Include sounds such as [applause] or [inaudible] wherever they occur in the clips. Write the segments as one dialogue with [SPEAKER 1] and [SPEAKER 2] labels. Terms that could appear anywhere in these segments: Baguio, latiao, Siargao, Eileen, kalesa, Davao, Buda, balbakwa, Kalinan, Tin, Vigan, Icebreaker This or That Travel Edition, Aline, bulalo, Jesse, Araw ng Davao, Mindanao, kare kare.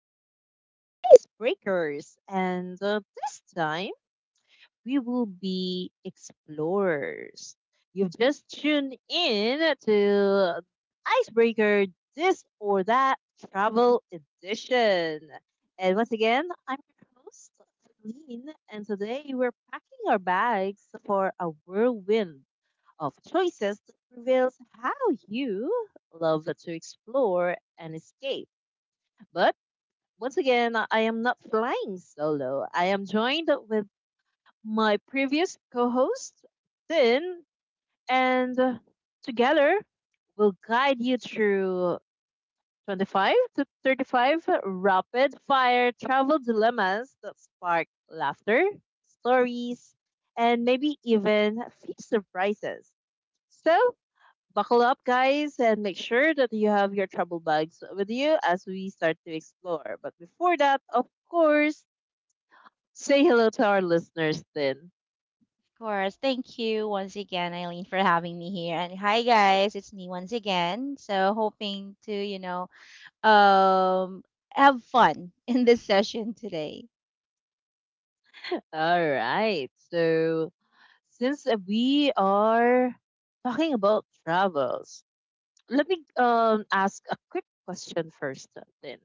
[SPEAKER 1] again to Icebreakers. And This time, we will be explorers. You've just tuned in to Icebreaker This or That Travel Edition. And once again, I'm your host, Aline. And today, we're packing our bags for a whirlwind of choices that reveals how you love to explore and escape. But once again, I am not flying solo. I am joined with my previous co host, Tin, and together we'll guide you through 25 to 35 rapid fire travel dilemmas that spark laughter, stories, and maybe even a few surprises. So buckle up, guys, and make sure that you have your travel bags with you as we start to explore. But before that, of course, say hello to our listeners then.
[SPEAKER 2] Course. Thank you once again, Eileen, for having me here. And hi guys, it's me once again. So hoping to, um have fun [laughs] in this session today.
[SPEAKER 1] All right. So, since we are talking about travels, let me ask a quick question first then.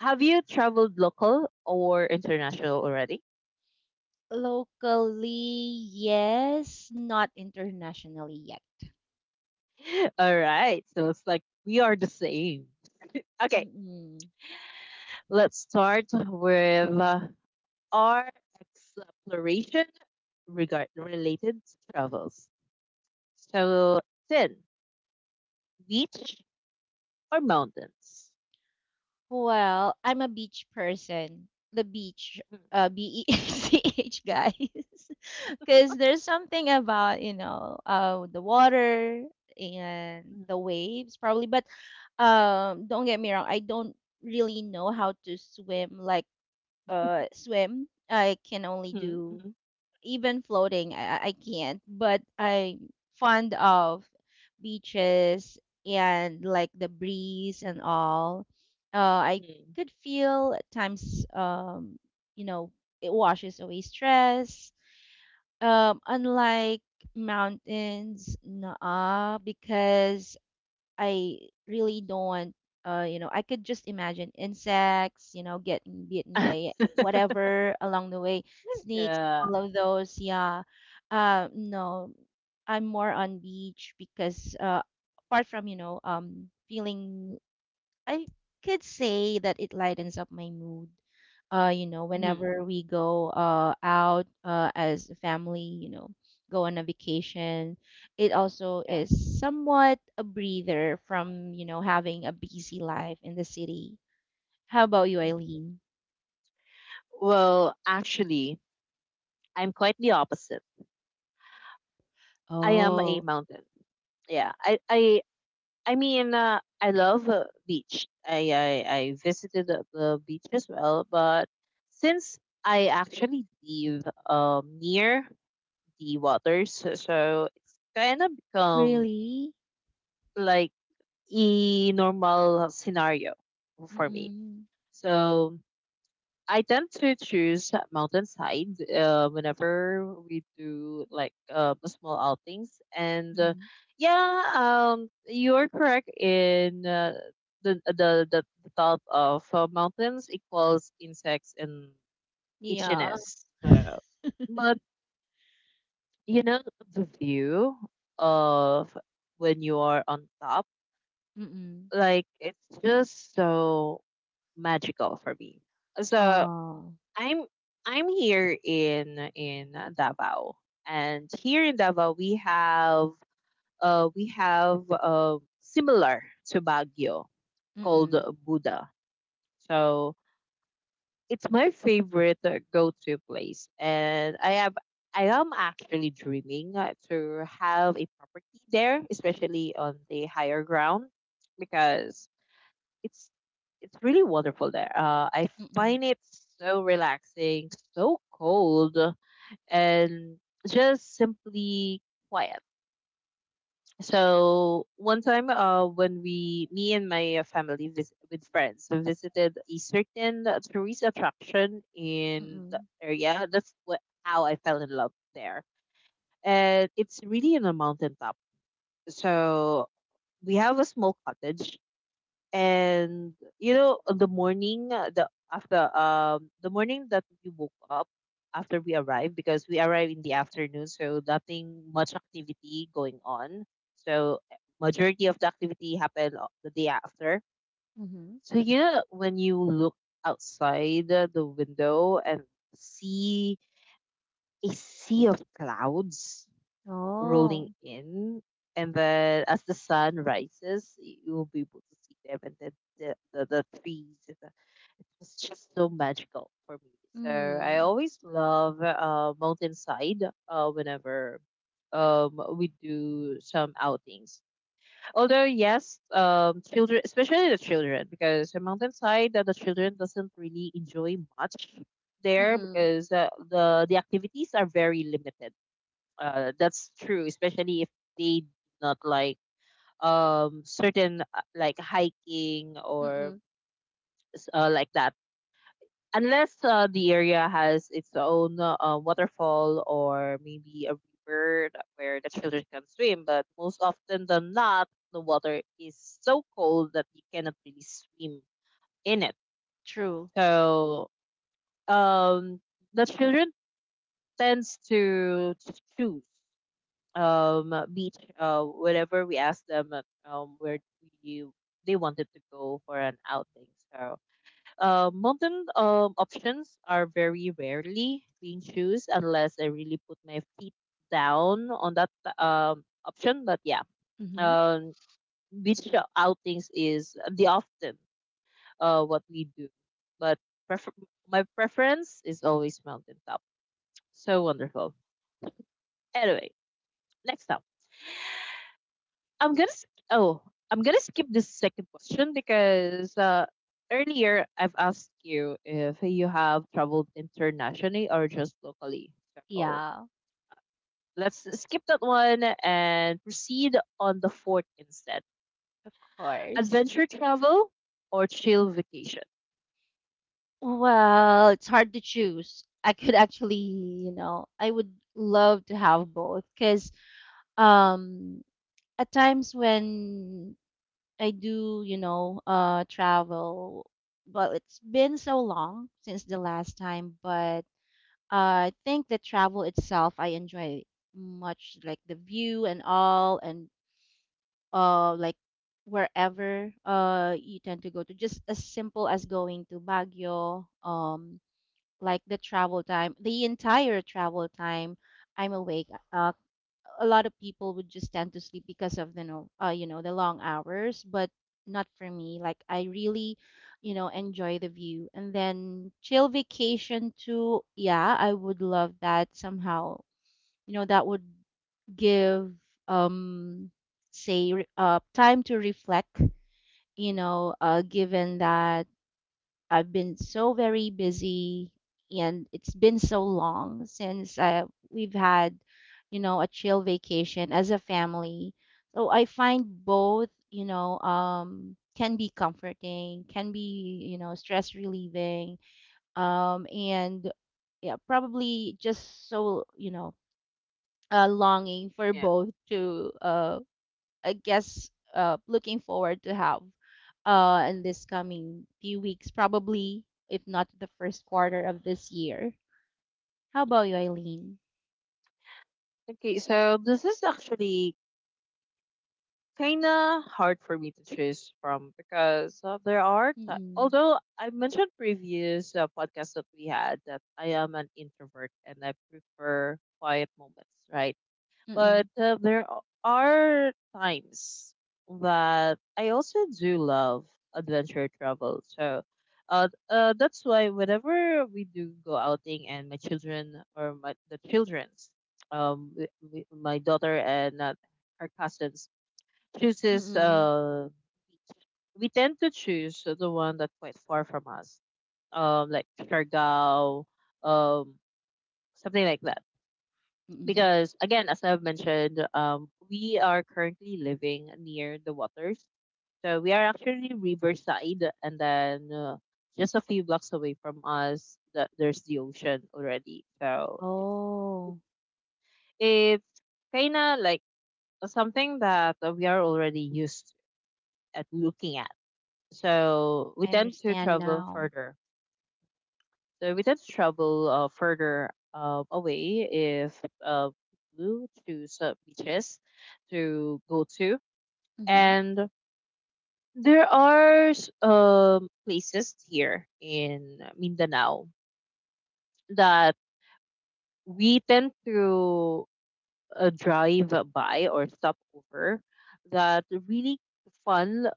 [SPEAKER 1] Have you traveled local or international already?
[SPEAKER 2] Locally, yes, not internationally yet.
[SPEAKER 1] [laughs] All right. So, it's like we are the same. Okay,
[SPEAKER 2] Mm-mm.
[SPEAKER 1] let's start with or exploration regard related to travels. So, sin, beach or mountains?
[SPEAKER 2] Well, I'm a beach person. The beach, beach, guys. [laughs] Because there's something about, the water and
[SPEAKER 1] Mhm,
[SPEAKER 2] the waves, probably. But don't get me wrong, I don't really know how to swim, like, swim. I can only
[SPEAKER 1] mhm,
[SPEAKER 2] do
[SPEAKER 1] mhm,
[SPEAKER 2] even floating, I can't. But I'm fond of beaches and like the breeze and all. I
[SPEAKER 1] mhm, mhm.
[SPEAKER 2] could feel at times, you know, it washes away stress. Unlike mountains, nah, because I really don't you know, I could just imagine insects, getting bitten by
[SPEAKER 1] [laughs]
[SPEAKER 2] whatever along the way, snakes,
[SPEAKER 1] yeah.
[SPEAKER 2] all of those, yeah. No, I'm more on beach because apart from, feeling I could say that it lightens up my mood.
[SPEAKER 1] Mhm,
[SPEAKER 2] Whenever we go out as a family, go on a vacation, it also
[SPEAKER 1] yeah.
[SPEAKER 2] is somewhat a breather from, having a busy life in the city. How about you, Eileen?
[SPEAKER 1] Well, actually, I'm quite the opposite. I am a
[SPEAKER 2] Oh,
[SPEAKER 1] mountain. Yeah. I mean, I love beach. I visited the beach as well, but since I actually live near the waters. So it's kind of become
[SPEAKER 2] really?
[SPEAKER 1] like a normal scenario for me.
[SPEAKER 2] Mm-mm.
[SPEAKER 1] So I tend to choose mountainside whenever we do like small outings. And
[SPEAKER 2] Mm-mm.
[SPEAKER 1] Yeah, you're correct in the thought of mountains equals insects and
[SPEAKER 2] Yeah.
[SPEAKER 1] itchiness. So,
[SPEAKER 2] [laughs]
[SPEAKER 1] but you know the view of when you are on top,
[SPEAKER 2] Mm-mm.
[SPEAKER 1] like it's just so magical for me. So
[SPEAKER 2] Oh.
[SPEAKER 1] I'm here in Davao, and here in Davao we have similar to Baguio called
[SPEAKER 2] Mm-mm.
[SPEAKER 1] Buda. So it's my favorite go-to place, and I am actually dreaming to have a property there, especially on the higher ground, because it's it's really wonderful there. I
[SPEAKER 2] Mm-mm.
[SPEAKER 1] find it so relaxing, so cold, and just simply quiet. So one time, me and my family with friends, we visited a certain tourist attraction in the
[SPEAKER 2] Mm-mm.
[SPEAKER 1] area. That's how I fell in love there, and it's really in a mountaintop. So we have a small cottage, and you know the morning, the morning that we woke up after we arrived. Because we arrived in the afternoon, so nothing much activity going on. So majority of the activity happened the day after.
[SPEAKER 2] Mm-hmm.
[SPEAKER 1] So you know, when you look outside the window and see a sea of clouds
[SPEAKER 2] Oh.
[SPEAKER 1] rolling in, and then as the sun rises, you will be able to see them, and then the trees. And it was just so magical for me. So I
[SPEAKER 2] Mm.
[SPEAKER 1] always love mountainside whenever we do some outings. Although yes, children, especially the children, because the mountainside that the children doesn't really enjoy much there,
[SPEAKER 2] Mm-mm.
[SPEAKER 1] because the activities are very limited. That's true, especially if they do not like certain like hiking or
[SPEAKER 2] Mm-mm.
[SPEAKER 1] like that. Unless the area has its own waterfall, or maybe a river where the children can swim. But most often than not, the water is so cold that you cannot really swim in it.
[SPEAKER 2] True.
[SPEAKER 1] So um, the children tends to choose beach whenever we asked them where we they wanted to go for an outing. So modern options are very rarely being choose, unless I really put my feet down on that option. But yeah,
[SPEAKER 2] Mm-hmm.
[SPEAKER 1] um beach outings is the often what we do. But prefer- my preference is always mountaintop. So wonderful. Anyway, next up, I'm gonna. s- Oh, I'm gonna skip this second question because earlier I've asked you if you have traveled internationally or just locally. So
[SPEAKER 2] Yeah,
[SPEAKER 1] let's skip that one and proceed on the fourth instead.
[SPEAKER 2] of course.
[SPEAKER 1] Adventure travel or chill vacation?
[SPEAKER 2] Well, it's hard to choose. I could actually, I would love to have both because um at times when I do, travel. Well, it's been so long since the last time, but I think the travel itself I enjoy much like the view and all. And like wherever you tend to go to, just as simple as going to Baguio. Like the travel time, the entire travel time I'm awake. A lot of people would just tend to sleep because of the, no you know the long hours, but not for me. Like I really enjoy the view. And then chill vacation too, yeah, I would love that somehow. That would give, um time to reflect, given that I've been so very busy. And it's been so long since, we've had a chill vacation as a family. So I find both, can be comforting, can be, stress relieving, and yeah, probably just so, longing for
[SPEAKER 1] Yeah.
[SPEAKER 2] both to. I guess, looking forward to have, in this coming few weeks, probably if not the first quarter of this year. How about you, Eileen?
[SPEAKER 1] Okay. So this is actually kind of hard for me to choose from, because there are ti
[SPEAKER 2] Mm-mm.
[SPEAKER 1] although I mentioned previous podcast that we had that I am an introvert and I prefer quiet moments, right?
[SPEAKER 2] Mm-mm.
[SPEAKER 1] But are times that I also do love adventure travel. So that's why whenever we do go outing, and my children, or my the children's w- w- my daughter and her cousins chooses
[SPEAKER 2] Mm-mm.
[SPEAKER 1] we tend to choose the one that quite far from us, like Siargao, um, something like that.
[SPEAKER 2] Mm-mm.
[SPEAKER 1] Because again, as I've mentioned, we are currently living near the waters, so we are actually riverside, and then just a few blocks away from us, there's the ocean already. So
[SPEAKER 2] Oh,
[SPEAKER 1] it's kind of like something that we are already used at looking at, so we
[SPEAKER 2] I
[SPEAKER 1] tend to
[SPEAKER 2] understand
[SPEAKER 1] travel
[SPEAKER 2] now.
[SPEAKER 1] further. So we tend to travel further away, if we choose beaches to go to,
[SPEAKER 2] Mm-hmm.
[SPEAKER 1] and there are places here in Mindanao that we tend to drive by or stop over that really fun.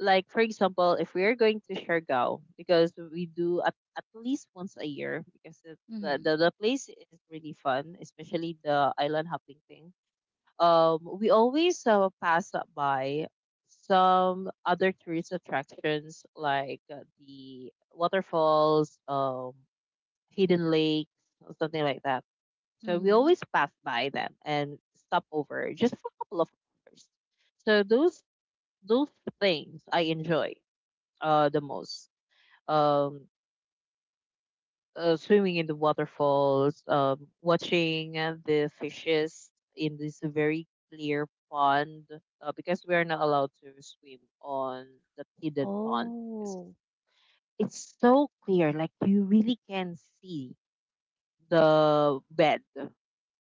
[SPEAKER 1] Like for example, if we are going to Siargao, because we do at least once a year, because it,
[SPEAKER 2] Mm-hmm.
[SPEAKER 1] the place is really fun, especially the island hopping thing. We always pass by some other tourist attractions, like the waterfalls, hidden lakes, or something like that. So we
[SPEAKER 2] Mm-hmm.
[SPEAKER 1] always pass by them and stop over just for a couple of hours. So those things I enjoy the most. Um, Swimming in the waterfalls, watching the fishes in this very clear pond, because we are not allowed to swim on the hidden pond because
[SPEAKER 2] Oh.
[SPEAKER 1] it's so clear, like you really can see the bed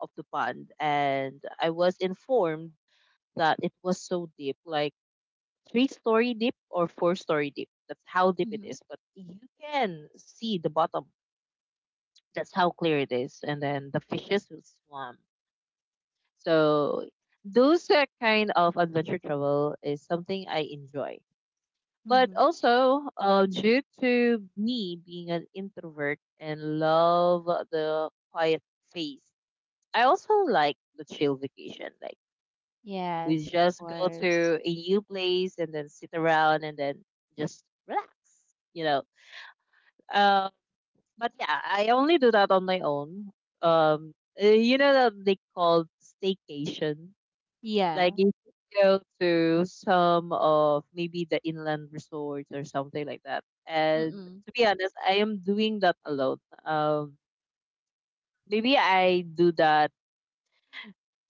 [SPEAKER 1] of the pond. And I was informed that it was so deep, like three-story deep or four-story deep. That's how deep it
[SPEAKER 2] Mm-hmm.
[SPEAKER 1] is, but you can see the bottom. That's how clear it is. And then the fishes will swim. So those kind of adventure travel is something I enjoy. But
[SPEAKER 2] Mm-hmm.
[SPEAKER 1] also, due to me being an introvert and love the quiet phase, I also like the chill vacation. Like, we
[SPEAKER 2] Yes, of
[SPEAKER 1] just go
[SPEAKER 2] course.
[SPEAKER 1] to a new place and then sit around and then just relax. You know, Uh, But yeah, I only do that on my own. Um, you know that they call staycation. Like,
[SPEAKER 2] Yeah.
[SPEAKER 1] you go to some of maybe the inland resorts or something like that. And
[SPEAKER 2] Mm-mm.
[SPEAKER 1] to be honest, I am doing that alone. Um, Maybe I do that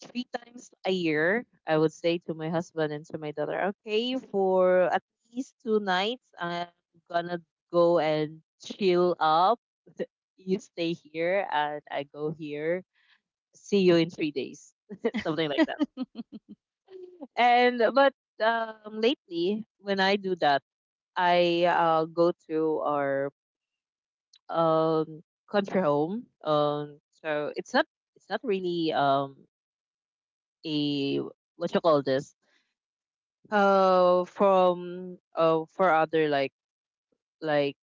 [SPEAKER 1] 3 times a year. I would say to my husband and to my daughter, okay, for at least 2 nights, I'm gonna go and chill up. [laughs] You stay here and I go here. See you in 3 days, [laughs] something like that.
[SPEAKER 2] [laughs]
[SPEAKER 1] And But lately, when I do that, I go to our country home. So it's not really a what you call this, from for other like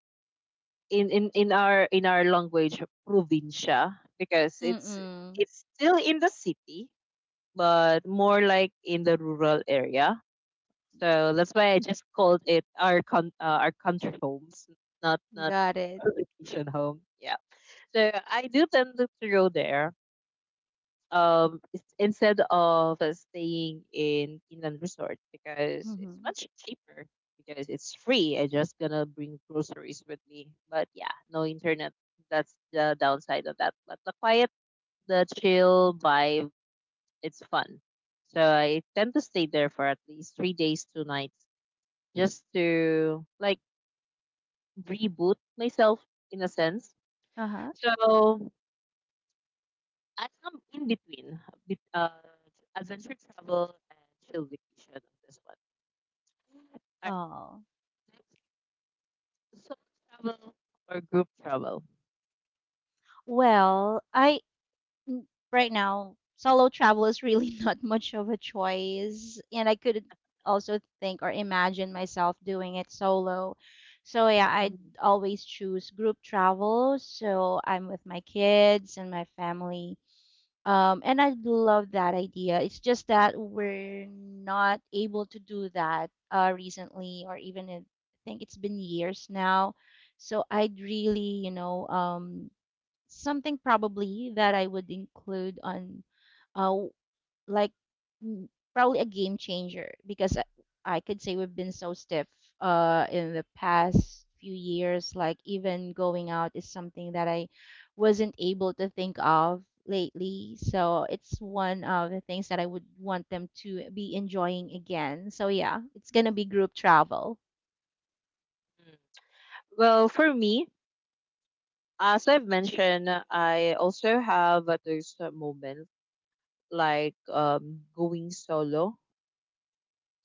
[SPEAKER 1] in our language, provincia, because
[SPEAKER 2] Mm-mm.
[SPEAKER 1] it's still in the city, but more like in the rural area. So that's why I just called it our con our country homes, not
[SPEAKER 2] Got it.
[SPEAKER 1] provincial home. Yeah, so I do tend to go there instead of staying in inland resort, because it's
[SPEAKER 2] Mm-hmm.
[SPEAKER 1] much cheaper, because it's free. I just gonna bring groceries with me. But yeah, no internet. That's the downside of that. But the quiet, the chill vibe, it's fun. So I tend to stay there for at least 3 days, two nights, just to like reboot myself, in a sense.
[SPEAKER 2] Uh-huh.
[SPEAKER 1] So I am in between bet- uh, adventure travel and chill vacation on this one. All right,
[SPEAKER 2] Oh.
[SPEAKER 1] next, solo travel or group travel?
[SPEAKER 2] Well, n- right now, solo travel is really [laughs] not much of a choice, and I couldn't also think or imagine myself doing it solo. So yeah, I'd
[SPEAKER 1] Mhm.
[SPEAKER 2] always choose group travel. So I'm with my kids and my family. And I love that idea. It's just that we're not able to do that, recently, or even in, I think it's been years now. So I'd really, something probably that I would include on, uh, w- like mm, probably a game changer, because I could say we've been so stiff in the past few years. Like even going out is something that I wasn't able to think of lately. So it's one of the things that I would want them to be enjoying again. So yeah, it's gonna be group travel.
[SPEAKER 1] Mm. Well, for me, as I've mentioned, I also have those moments, like going solo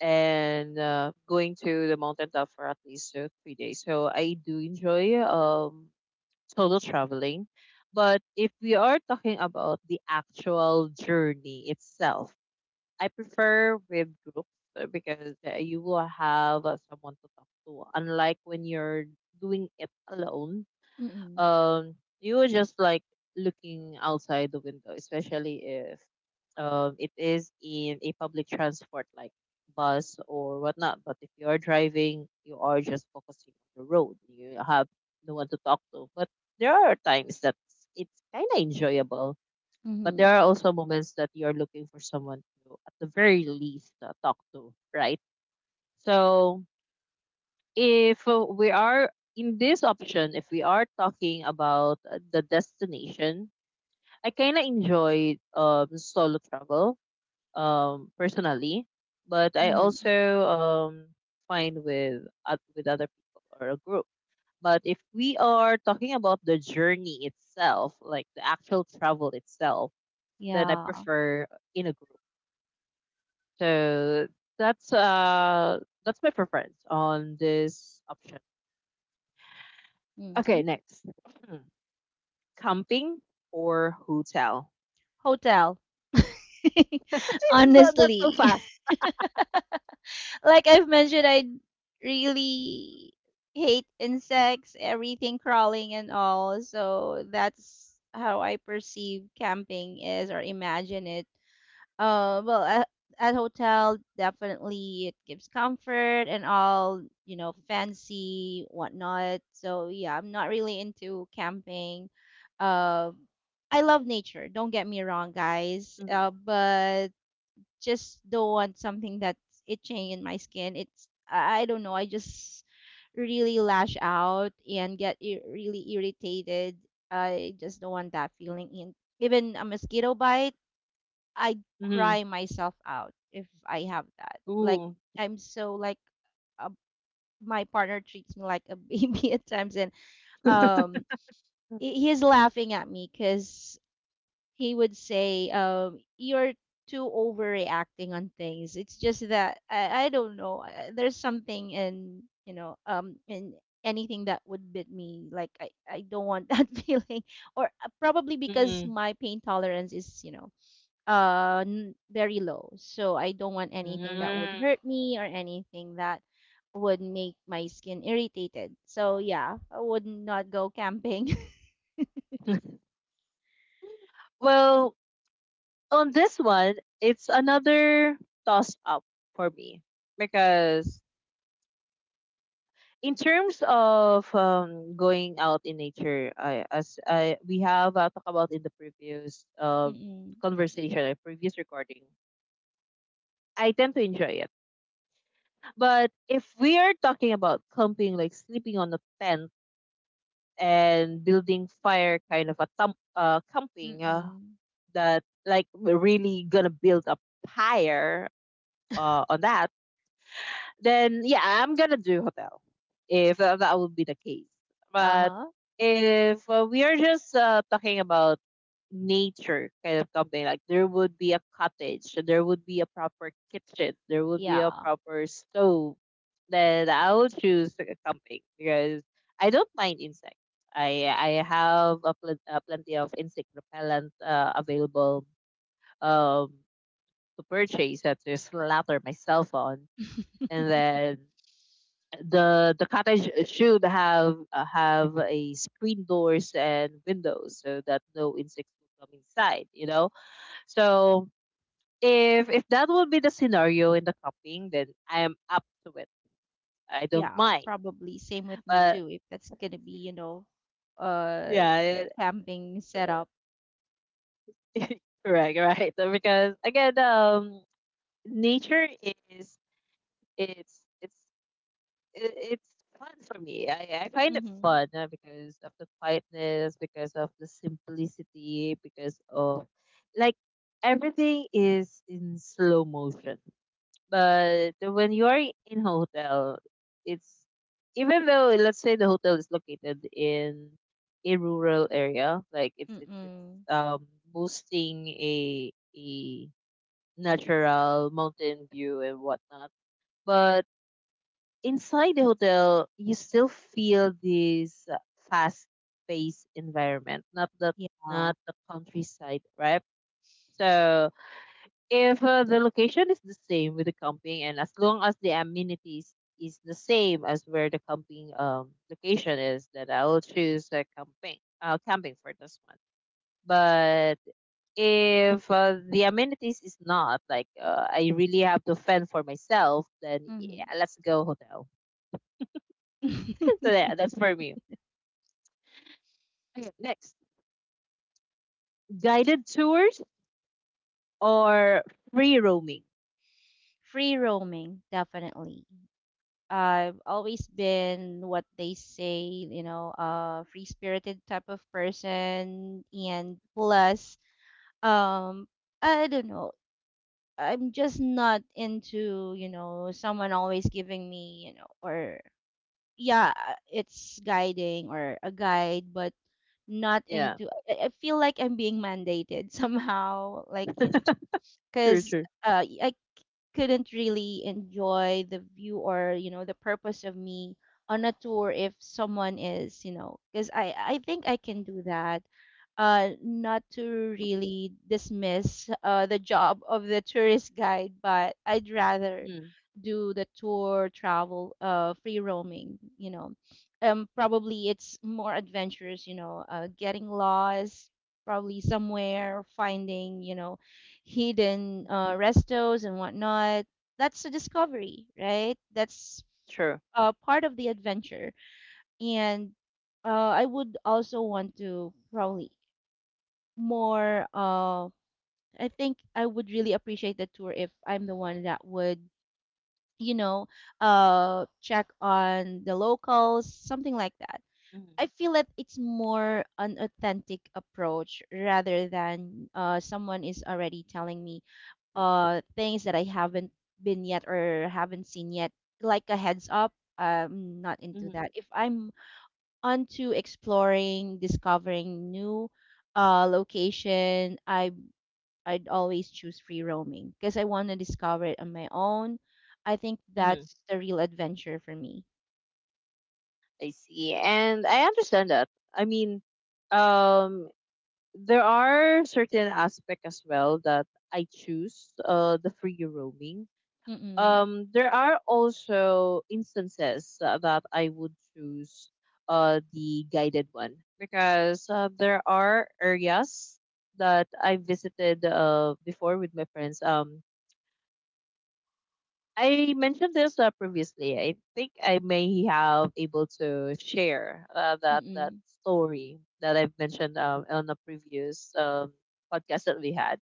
[SPEAKER 1] and going to the mountain top for at least 3 days. So I do enjoy solo traveling. But if we are talking about the actual journey itself, I prefer with groups, because you will have someone to talk to. Unlike when you're doing it alone,
[SPEAKER 2] Mm-mm.
[SPEAKER 1] um you were just like looking outside the window, especially if it is in a public transport, like bus or whatnot. But if you are driving, you are just focusing on the road. You have no one to talk to. But there are times that it's kind of enjoyable. But there
[SPEAKER 2] Mm-hmm.
[SPEAKER 1] are also moments that you're looking for someone to, at the very least, talk to, right? So if we are in this option, if we are talking about the destination, I kind of enjoy solo travel personally, but I
[SPEAKER 2] Mm-hmm.
[SPEAKER 1] also find with with other people or a group. But if we are talking about the journey itself, like the actual travel itself, then I
[SPEAKER 2] Yeah.
[SPEAKER 1] prefer in a group. So that's uh that's my preference on this option.
[SPEAKER 2] Mm-hmm.
[SPEAKER 1] Okay, next. [clears throat] Camping or hotel?
[SPEAKER 2] Hotel. [laughs]
[SPEAKER 1] [laughs] So that's so
[SPEAKER 2] Honestly,
[SPEAKER 1] fast.
[SPEAKER 2] [laughs] like I've mentioned, I really hate insects, everything crawling and all. So that's how I perceive camping is or imagine it. Well, at hotel, definitely it gives comfort and all, fancy whatnot. So yeah, I'm not really into camping. Uh, I love nature. Don't get me wrong, guys.
[SPEAKER 1] Mm-hmm.
[SPEAKER 2] But just don't want something that's itching in my skin. It's I don't know. I just really lash out and get really irritated. I just don't want that feeling. And even a mosquito bite, I
[SPEAKER 1] Mm-hmm.
[SPEAKER 2] cry myself out if I have that. Like
[SPEAKER 1] Ooh.
[SPEAKER 2] I'm so like, uh, my partner treats me like a [laughs] baby at times, and
[SPEAKER 1] [laughs]
[SPEAKER 2] um he's laughing at me because he would say, "You're too overreacting on things. It's just that I don't know. There's something in, in anything that would bit me. Like I don't want that [laughs] feeling. Or probably because
[SPEAKER 1] Mm-mm.
[SPEAKER 2] my pain tolerance is, very low. So I don't want anything that would
[SPEAKER 1] Mm.
[SPEAKER 2] hurt me or anything that would make my skin irritated. So yeah, I would not go camping. [laughs]
[SPEAKER 1] [laughs] Well, on this one, it's another toss up for me because in terms of going out in nature, I, as I we have talked about in the previous
[SPEAKER 2] Mm-mm.
[SPEAKER 1] conversation, previous recording, I tend to enjoy it. But if we are talking about camping, like sleeping on a tent and building fire kind of a thump, camping
[SPEAKER 2] Mm-mm.
[SPEAKER 1] that like we're really gonna build a pyre on that, then yeah, I'm gonna do hotel if that would be the case. But
[SPEAKER 2] Uh-huh.
[SPEAKER 1] if we are just talking about nature kind of company. Like there would be a cottage, there would be a proper kitchen, there would be a
[SPEAKER 2] Yeah.
[SPEAKER 1] proper stove. Then I would choose a company because I don't mind insects. I have a plenty of insect repellent available um to purchase that to slather myself on, and
[SPEAKER 2] [laughs]
[SPEAKER 1] then the cottage should have a screen doors and windows so that no insects will come inside. You know, so if that will be the scenario in the cupping, then I am up to it. I don't
[SPEAKER 2] Yeah,
[SPEAKER 1] mind.
[SPEAKER 2] probably. Same with me
[SPEAKER 1] But
[SPEAKER 2] too, if that's gonna be, uh,
[SPEAKER 1] yeah,
[SPEAKER 2] the camping setup.
[SPEAKER 1] correct, right? [laughs] Because again, nature is it's it's i- it's fun for me. I find it
[SPEAKER 2] Mm-hmm.
[SPEAKER 1] fun because of the quietness, because of the simplicity, because of like everything is in slow motion. But when you are in hotel, it's even though let's say the hotel is located in a rural area, like it's
[SPEAKER 2] Mm-mm.
[SPEAKER 1] boosting a a natural mountain view and whatnot. But inside the hotel, you still feel this fast-paced environment, not the
[SPEAKER 2] Yeah.
[SPEAKER 1] not the countryside, right? So if the location is the same with the camping, and as long as the amenities is the same as where the camping location is, then I will choose camping. Camping for this one. But if the amenities is not like I really have to fend for myself, then
[SPEAKER 2] Mm-hmm.
[SPEAKER 1] yeah, let's go hotel. [laughs] Yeah, that's for
[SPEAKER 2] [laughs]
[SPEAKER 1] me. Okay, next, guided tours or free roaming.
[SPEAKER 2] Free roaming, definitely. I've always been what they say, free-spirited type of person. And plus, um, I don't know. I'm just not into, someone always giving me, or yeah, it's guiding or a guide, but not
[SPEAKER 1] Yeah,
[SPEAKER 2] into. I feel like I'm being mandated [laughs] somehow, like because,
[SPEAKER 1] true.
[SPEAKER 2] I couldn't really enjoy the view or the purpose of me on a tour if someone is, because i think I can do that, not to really dismiss the job of the tourist guide, but I'd rather
[SPEAKER 1] Mm-hmm.
[SPEAKER 2] do the tour travel, free roaming. Probably it's more adventurous, getting lost probably somewhere, finding, hidden, restos and whatnot. That's a discovery, right? That's,
[SPEAKER 1] True.
[SPEAKER 2] part of the adventure. And, I would also want to probably more. I think I would really appreciate the tour if I'm the one that would, you know, check on the locals, something like that. I feel that it's more an authentic approach rather than, someone is already telling me things that I haven't been yet or haven't seen yet, like a heads up. I'm not into that. If I'm onto exploring, discovering new location, I'd always choose free roaming because I want to discover it on my own. I think
[SPEAKER 1] Mm-hmm.
[SPEAKER 2] that's the real adventure for me.
[SPEAKER 1] I see. And I understand that. I mean, um, there are certain aspect as well that I choose the free roaming.
[SPEAKER 2] Mm-mm.
[SPEAKER 1] There are also instances that I would choose the guided one because there are areas that I visited before with my friends. I mentioned this previously. I think I may have able to share that
[SPEAKER 2] Mm-mm.
[SPEAKER 1] story that I've mentioned on the previous podcast that we had.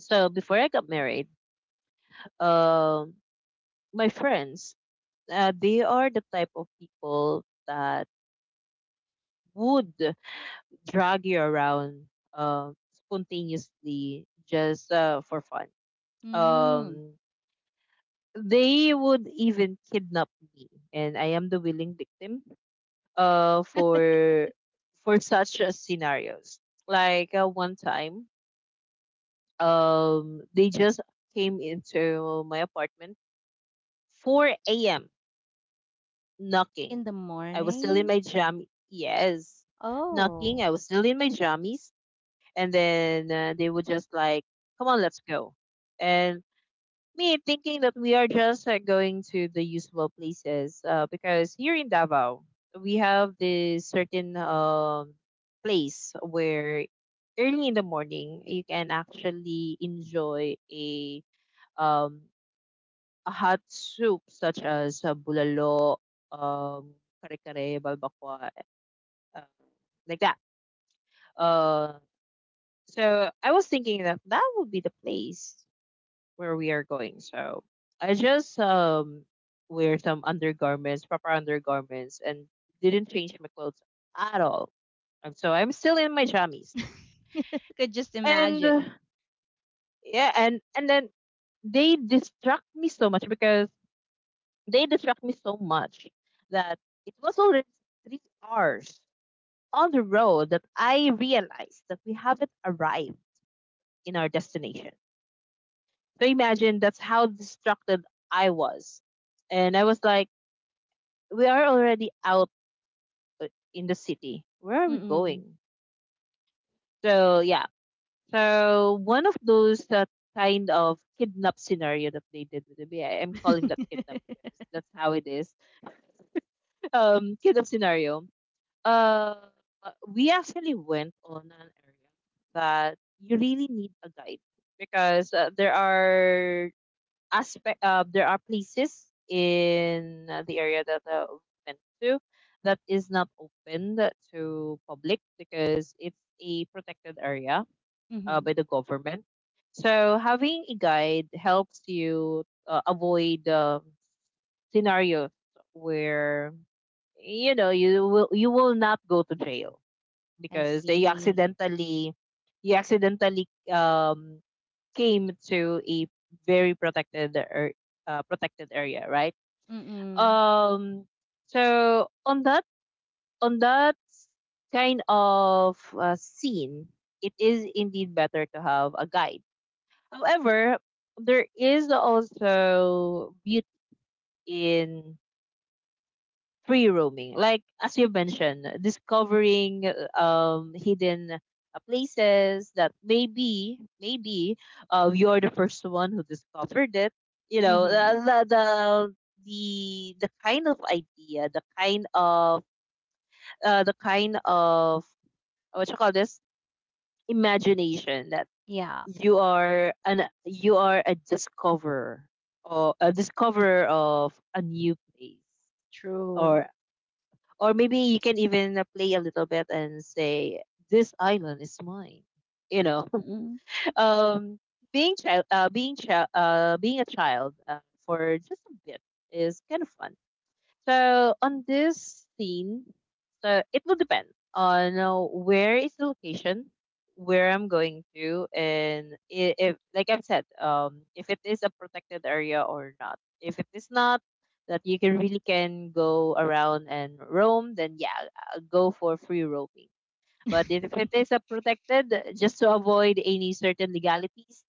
[SPEAKER 1] So before I got married, um, my friends, they are the type of people that would drag you around spontaneously just for fun.
[SPEAKER 2] Mm.
[SPEAKER 1] Um, they would even kidnap me, and I am the willing victim uh for for [laughs] such scenarios. Like one time, they just came into my apartment 4 a.m. knocking.
[SPEAKER 2] In the
[SPEAKER 1] I was still in
[SPEAKER 2] morning?
[SPEAKER 1] my jam. Yes,
[SPEAKER 2] Oh.
[SPEAKER 1] knocking. I was still in my jammies, and then they would just like, "Come on, let's go," and me thinking that we are just going to the usual places because here in Davao we have this certain place where early in the morning you can actually enjoy a um hot soup such as bulalo, kare kare, balbakwa, uh, like that. Uh, so I was thinking that that would be the place where we are going. So I just wear some undergarments, proper undergarments, and didn't change my clothes at all. And so I'm still in my jammies.
[SPEAKER 2] [laughs] Could just
[SPEAKER 1] And
[SPEAKER 2] imagine.
[SPEAKER 1] yeah, and then they distract me so much because they distract me so much that it was already 3 hours on the road that I realized that we haven't arrived in our destination. So imagine that's how distracted I was. And I was like, we are already out in the city. Where are we
[SPEAKER 2] Mm-mm.
[SPEAKER 1] going? So yeah. So one of those kind of kidnap scenario that they did with the BI. I'm calling that
[SPEAKER 2] [laughs]
[SPEAKER 1] kidnap because that's how it is. Kidnap scenario. Uh, we actually went on an area that you really need a guide because there are aspect there are places in the area that we went to that is not open to public because it's a protected area
[SPEAKER 2] Hmm,
[SPEAKER 1] by the government, so having a guide helps you avoid scenarios where you know you will not go to jail
[SPEAKER 2] I
[SPEAKER 1] because you
[SPEAKER 2] see.
[SPEAKER 1] accidentally you accidentally um came to a very protected protected area, right?
[SPEAKER 2] Mm-mm.
[SPEAKER 1] Um, so on that on that kind of scene, it is indeed better to have a guide. However, there is also beauty in free roaming. Like as you mentioned, discovering hidden places that maybe you're the first one who discovered it. You know
[SPEAKER 2] Mm-hmm.
[SPEAKER 1] the kind of idea, the kind of what you call this imagination that
[SPEAKER 2] Yeah,
[SPEAKER 1] you are a discoverer or a discoverer of a new place
[SPEAKER 2] true.
[SPEAKER 1] or. Or maybe you can even play a little bit and say, "This island is mine." You know,
[SPEAKER 2] Mm-mm.
[SPEAKER 1] [laughs] um, being a child for just a bit is kind of fun. So on this scene, so it will depend on where is the location, where I'm going to, and if, like I've said, if it is a protected area or not. If it is not, that you can really can go around and roam, then yeah, go for free roaming. But if it is
[SPEAKER 2] [laughs]
[SPEAKER 1] a protected, just to avoid any certain legalities,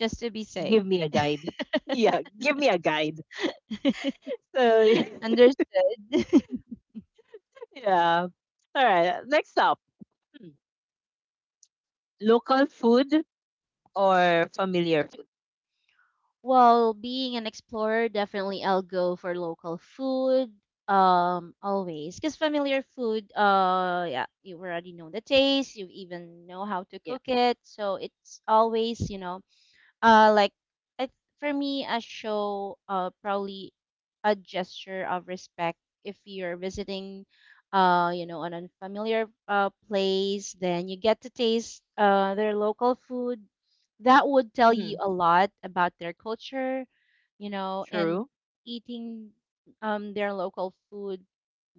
[SPEAKER 2] Just to be safe.
[SPEAKER 1] give me a guide. [laughs] Yeah, give me a guide.
[SPEAKER 2] [laughs]
[SPEAKER 1] So [laughs]
[SPEAKER 2] Understood. [laughs]
[SPEAKER 1] yeah. All right, next up. Mm. Local food or familiar food?
[SPEAKER 2] Well, being an explorer, definitely I'll go for local food. Always, because familiar food, yeah, you already know the taste. You even know how to
[SPEAKER 1] Yeah.
[SPEAKER 2] cook it, so it's always, like it, for me, a show probably a gesture of respect. If you're visiting, an unfamiliar place, then you get to taste their local food. That would tell you
[SPEAKER 1] Hmm.
[SPEAKER 2] a lot about their culture, and
[SPEAKER 1] True.
[SPEAKER 2] eating their local food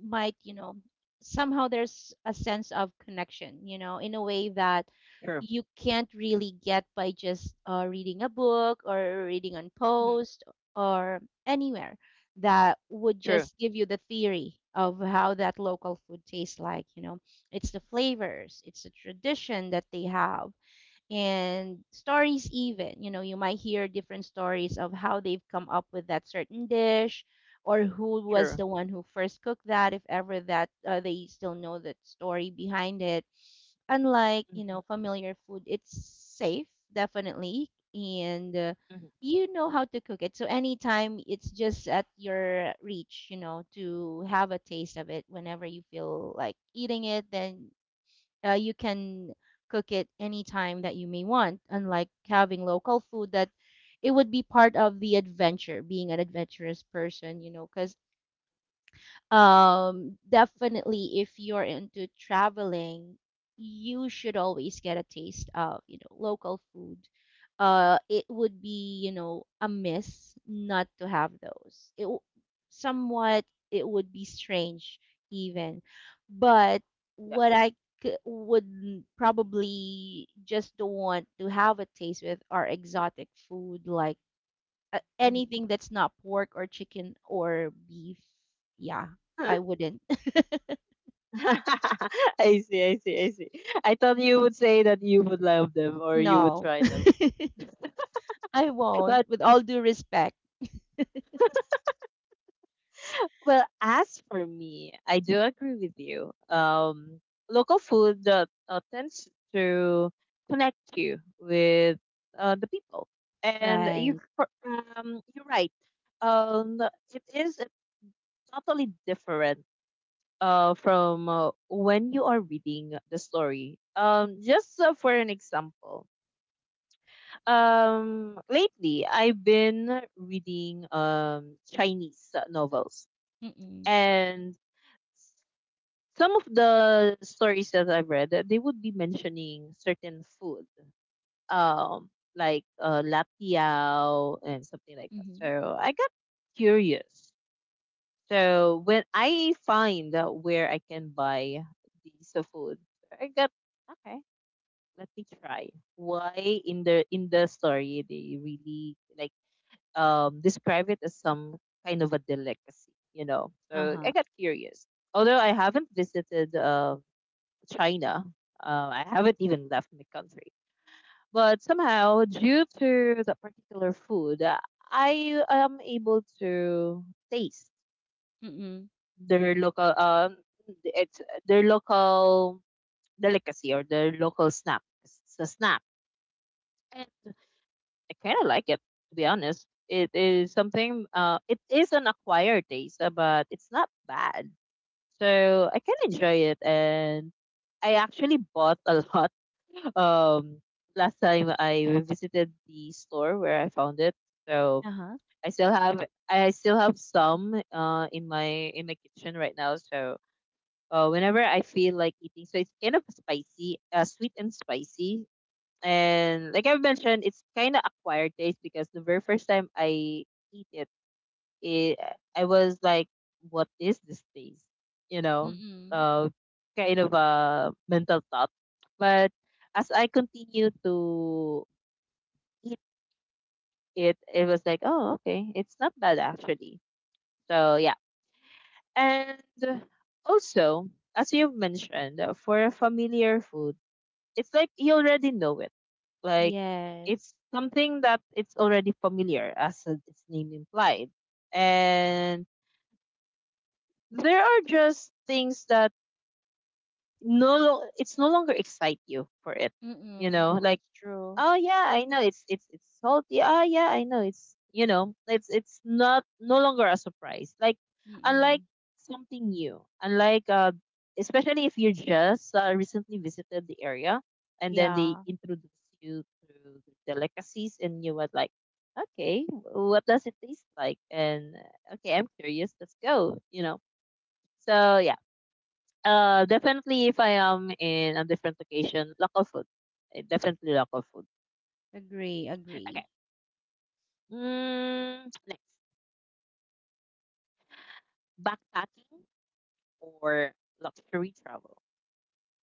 [SPEAKER 2] might, somehow there's a sense of connection, in a way that
[SPEAKER 1] True.
[SPEAKER 2] you can't really get by just, reading a book or reading on
[SPEAKER 1] Hmm.
[SPEAKER 2] post or anywhere, that would
[SPEAKER 1] True.
[SPEAKER 2] just give you the theory of how that local food tastes like. It's the flavors, it's the tradition that they have. And stories even, you might hear different stories of how they've come up with that certain dish, or who was
[SPEAKER 1] True.
[SPEAKER 2] the one who first cooked that, if ever that, they still know the story behind it. Unlike,
[SPEAKER 1] Hmm.
[SPEAKER 2] familiar food, it's safe definitely, and,
[SPEAKER 1] Hmm.
[SPEAKER 2] you know how to cook it. So anytime it's just at your reach, to have a taste of it whenever you feel like eating it, then, you can cook it anytime that you may want. Unlike having local food, that it would be part of the adventure, being an adventurous person. Because, definitely, if you're into traveling, you should always get a taste of, local food. It would be, a miss not to have those. Somewhat it would be strange even, but
[SPEAKER 1] Yeah.
[SPEAKER 2] what I c- would n- probably just don't want to have a taste with are exotic food, like
[SPEAKER 1] Hmm.
[SPEAKER 2] anything that's not pork or chicken or beef, yeah, I wouldn't. [laughs]
[SPEAKER 1] [laughs] I see. I see. I see. I thought you would say that you would love them or you would
[SPEAKER 2] No,
[SPEAKER 1] try them.
[SPEAKER 2] [laughs] I won't.
[SPEAKER 1] But
[SPEAKER 2] With all due respect,
[SPEAKER 1] well, as for me, I do agree with you. Local food tends to connect you with the people, and you
[SPEAKER 2] right?
[SPEAKER 1] you're right, um it is totally different from when you are reading the story. Just for an example, lately I've been reading Chinese novels,
[SPEAKER 2] Mm-mm.
[SPEAKER 1] and some of the stories that I've read, they would be mentioning certain food, um, like latiao and something like that.
[SPEAKER 2] Mm-hmm.
[SPEAKER 1] So I got curious. So when I find out where I can buy these food, I got okay. Let me try. Why in the story they really like describe it as some kind of a delicacy, you know? So I
[SPEAKER 2] Uh-huh.
[SPEAKER 1] got curious. Although I haven't visited China, I haven't even left my country. But somehow, due to that particular food, I am able to taste
[SPEAKER 2] Mm-mm.
[SPEAKER 1] their it's local delicacy or their local snack. It's a snack. And I kinda like it, to be honest. It is something it is an acquired taste, but it's not bad. So I can enjoy it, and I actually bought a lot. [laughs] Um last time I visited the store where I found it. So
[SPEAKER 2] Uh-huh.
[SPEAKER 1] I still have I still have some in my kitchen right now. So whenever I feel like eating. So it's kind of spicy, sweet and spicy. And like I mentioned, it's kind of acquired taste because the very first time I eat it, it I was like, "What is this taste?" You know,
[SPEAKER 2] Mm-mm.
[SPEAKER 1] uh, kind of a mental thought. But as I continue to eat it, it was like, "Oh, okay, it's not bad actually." So yeah, and also as you mentioned, for a familiar food it's like you already know it. Like it's
[SPEAKER 2] Yes.
[SPEAKER 1] something that it's already familiar, as its name implied. And there are just things that it's no longer excite you for it. You
[SPEAKER 2] Mm-mm.
[SPEAKER 1] know, like,
[SPEAKER 2] That's true.
[SPEAKER 1] "Oh yeah, I know it's salty. Oh yeah, I know it's, you know, it's not no longer a surprise." Like unlike
[SPEAKER 2] Mm-mm.
[SPEAKER 1] something new, unlike especially if you just recently visited the area and then they
[SPEAKER 2] Yeah.
[SPEAKER 1] introduce you to the delicacies and you were like, okay, what does it taste like? And okay, I'm curious. Let's go. You know. So yeah, definitely if I am in a different location, local food. Definitely local food.
[SPEAKER 2] Agree. Agree.
[SPEAKER 1] Okay. [tsk] Next, backpacking or luxury travel.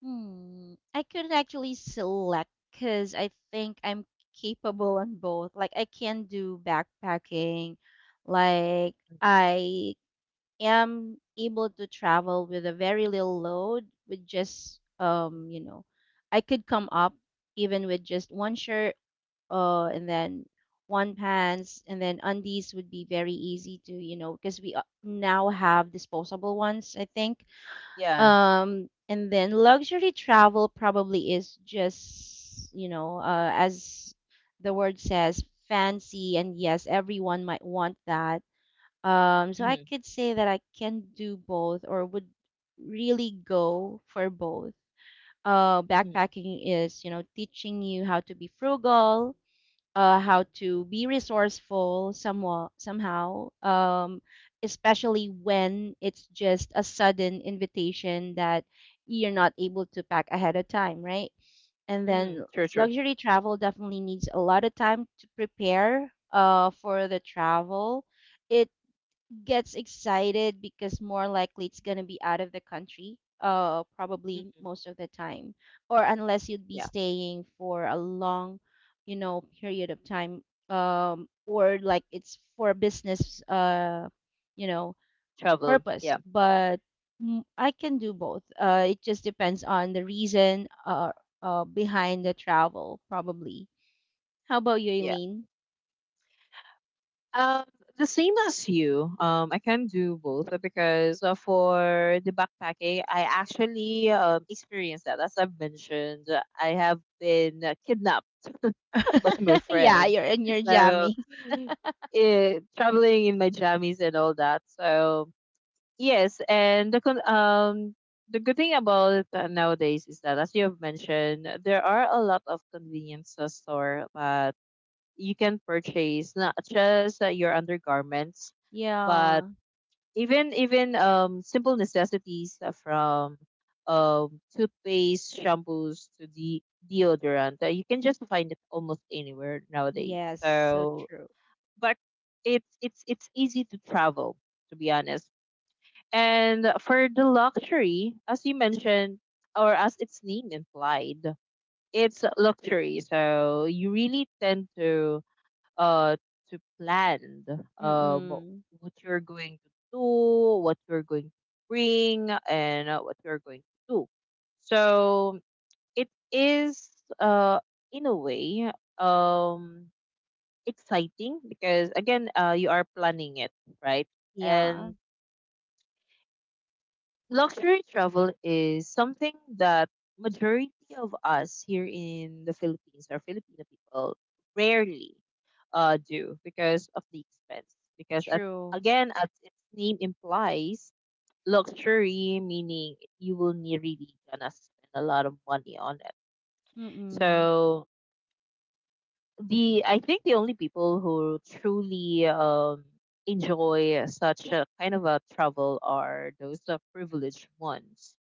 [SPEAKER 2] Hmm. I couldn't actually select because I think I'm capable on both. Like I can do backpacking. Like I am able to travel with a very little load with just
[SPEAKER 1] Mm.
[SPEAKER 2] you know, I could come up even with just one shirt and then one pants and then undies would be very easy to you know because we now have disposable ones I think
[SPEAKER 1] Yeah.
[SPEAKER 2] and then luxury travel probably is just you know as the word says fancy and yes everyone might want that so I
[SPEAKER 1] Mm-hmm.
[SPEAKER 2] could say that I can do both or would really go for both.
[SPEAKER 1] Mm-hmm.
[SPEAKER 2] Backpacking is, you know, teaching you how to be frugal, how to be resourceful somewhat, somehow, especially when it's just a sudden invitation that you're not able to pack ahead of time, right? And
[SPEAKER 1] Mm-hmm.
[SPEAKER 2] then
[SPEAKER 1] True, true.
[SPEAKER 2] luxury travel definitely needs a lot of time to prepare, for the travel it gets excited because more likely it's gonna be out of the country, probably
[SPEAKER 1] Mm-hmm.
[SPEAKER 2] most of the time, or unless you'd be
[SPEAKER 1] Yeah.
[SPEAKER 2] staying for a long, you know, period of time, or like it's for business, you know,
[SPEAKER 1] Travel.
[SPEAKER 2] purpose.
[SPEAKER 1] Yeah.
[SPEAKER 2] But I can do both. It just depends on the reason, behind the travel, probably. How about you,
[SPEAKER 1] Yeah.
[SPEAKER 2] Eileen?
[SPEAKER 1] Um, the same as you. I can do both because for the backpacking, I actually experienced that. As I've mentioned, I have been kidnapped [laughs] by my
[SPEAKER 2] [laughs] Yeah,
[SPEAKER 1] friend.
[SPEAKER 2] you're in your
[SPEAKER 1] So,
[SPEAKER 2] jammies.
[SPEAKER 1] traveling in my jammies and all that. So yes, and the good thing about nowadays is that, as you have mentioned, there are a lot of convenience store that you can purchase not just your undergarments, but
[SPEAKER 2] Yeah.
[SPEAKER 1] even simple necessities from toothpaste, shampoos to the deodorant. You can just find it almost anywhere nowadays.
[SPEAKER 2] Yes, so
[SPEAKER 1] So,
[SPEAKER 2] true.
[SPEAKER 1] but it's easy to travel. To be honest, and for the luxury, as you mentioned, or as its name implied, it's luxury. So you really tend uh to plan um
[SPEAKER 2] Mm.
[SPEAKER 1] what you're going to do, what you're going to bring, and what you're going to do. So it is uh in a way um exciting because again you are planning it, right?
[SPEAKER 2] Yeah.
[SPEAKER 1] And luxury travel is something that majority of us here in the Philippines or Filipino people rarely do because of the expense. Because at,
[SPEAKER 2] True.
[SPEAKER 1] again, as its name implies, luxury meaning you will need really gonna spend a lot of money on it.
[SPEAKER 2] Mm.
[SPEAKER 1] So the, I think the only people who truly enjoy such a kind of a travel are those privileged ones.